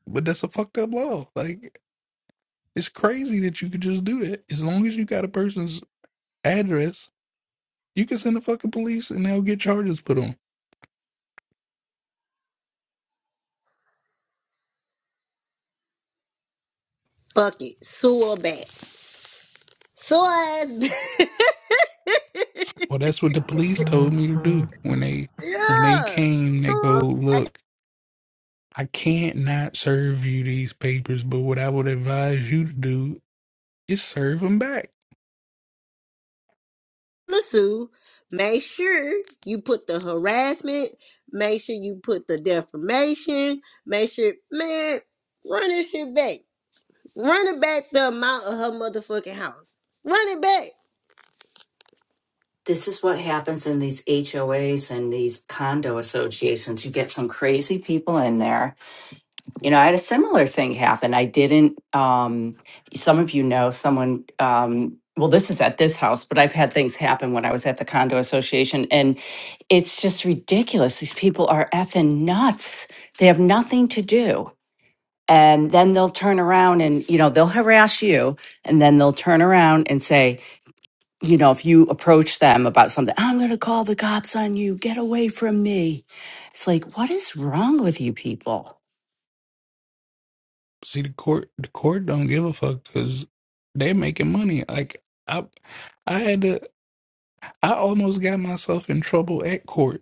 S4: but that's a fucked up law. Like, it's crazy that you could just do that. As long as you got a person's address, you can send the fucking police, and they'll get charges put on
S3: Fuck it. Sue her back. Sue her ass
S4: Well, that's what the
S3: back.
S4: police told me to do when they when they
S3: Yeah.
S4: came.
S3: So
S4: They go,
S3: I'm
S4: look, I can't not serve you these papers, but what I would advise you to do is serve them back.
S3: gonna sue. Make sure you put the harassment. Make sure you put the defamation. Make sure, man, run this shit back. Run it back the amount of her motherfucking house. Run it back.
S7: This is what happens in these HOAs and these condo associations. You get some crazy people in there. You know, I had a similar thing happen. I didn't, um, some of you know someone, um, well, this is at this house, but I've had things happen when I was at the condo association, and it's just ridiculous. These people are effing nuts. They have nothing to do. And then they'll turn around and, you know, they'll harass you, and then they'll turn around and say, you know, if you approach them about something, I'm going to call the cops on you. Get away from me. It's like, what is wrong with you people?
S4: See, the court the court don't give a fuck because they're making money. Like I, I had to. I almost got myself in trouble at court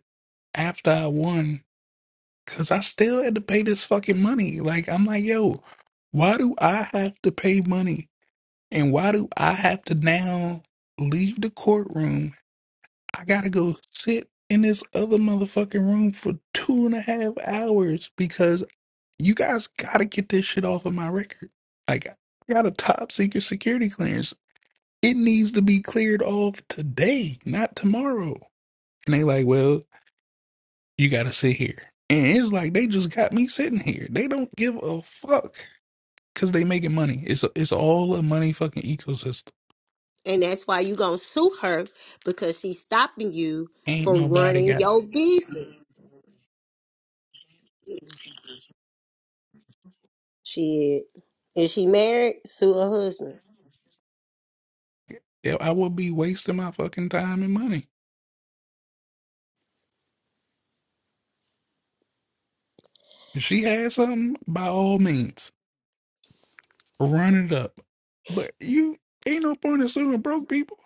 S4: after I won because I still had to pay this fucking money. Like I'm like, yo, why do I have to pay money? And why do I have to now leave the courtroom? I gotta go sit in this other motherfucking room for two and a half hours because you guys gotta get this shit off of my record. Like, I got a top secret security clearance. It needs to be cleared off today, not tomorrow. And they like, well, you gotta sit here. And it's like they just got me sitting here. They don't give a fuck because they making money. It's it's all a money fucking ecosystem.
S3: And that's why you gonna sue her because she's stopping you
S4: Ain't
S3: from
S4: nobody got
S3: running your business. Shit. Is she married? Sue her husband.
S4: Yeah, I would be wasting my fucking time and money. If she has something, by all means, run it up. But you ain't no point in suing broke people.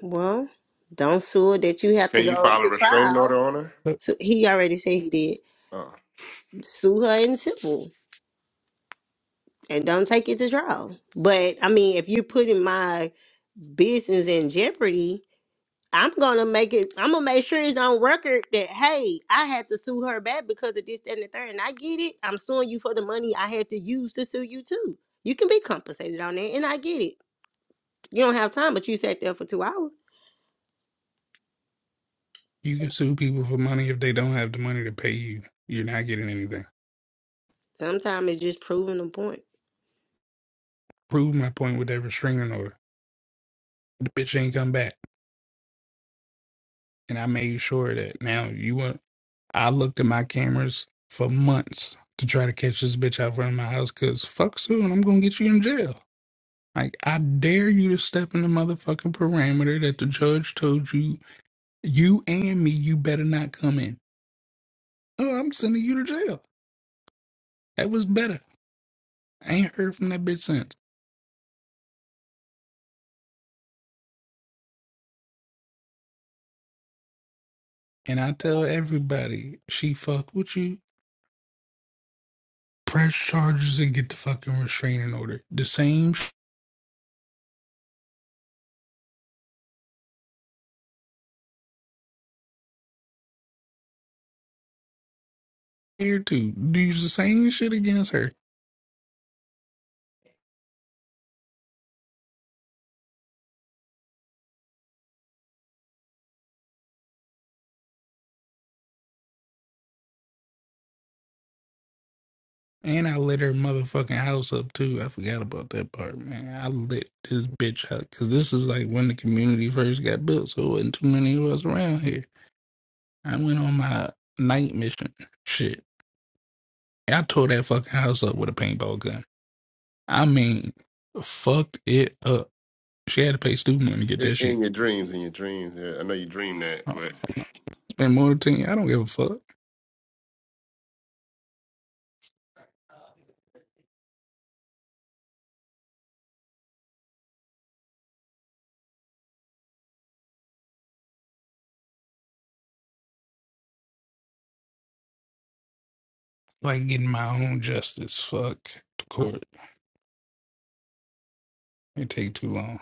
S3: Well, don't sue her that you have to
S8: Can you
S3: go
S8: file a
S3: to
S8: restraining
S3: trial.
S8: order on her?
S4: Look,
S3: So he already said he did.
S8: Uh-uh.
S3: sue her in civil and don't take it to trial. But I mean, if you're putting my business in jeopardy, I'm gonna make it. I'm gonna make sure it's on record that hey, I had to sue her back because of this, that, and the third. And I get it. I'm suing you for the money I had to use to sue you too. You can be compensated on that, and I get it. You don't have time, but you sat there for two hours.
S4: You can sue people for money if they don't have the money to pay you. You're not getting anything.
S3: Sometimes it's just proving a point.
S4: Prove my point with that restraining order. The bitch ain't come back. And I made sure that now you want I looked at my cameras for months to try to catch this bitch out front of my house because fuck soon, I'm gonna get you in jail. Like, I dare you to step in the motherfucking parameter that the judge told you, you and me, you better not come in. Oh, I'm sending you to jail. That was better. I ain't heard from that bitch since. And I tell everybody, she fuck with you, press charges and get the fucking restraining order. The same shit here too. Do the same shit against her. And I lit her motherfucking house up too. I forgot about that part, man. I lit this bitch up because this is like when the community first got built, so it wasn't too many of us around here. I went on my night mission shit. I tore that fucking house up with a paintball gun. I mean, fucked it up. She had to pay student money to get
S8: I-
S4: that shit.
S8: In your dreams, in your dreams, yeah. I know you dream that,
S4: I
S8: but
S4: spent more than ten. I don't give a fuck. Like getting my own justice. Fuck the court. It take too long.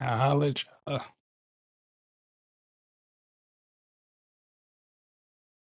S4: I holler at y'all.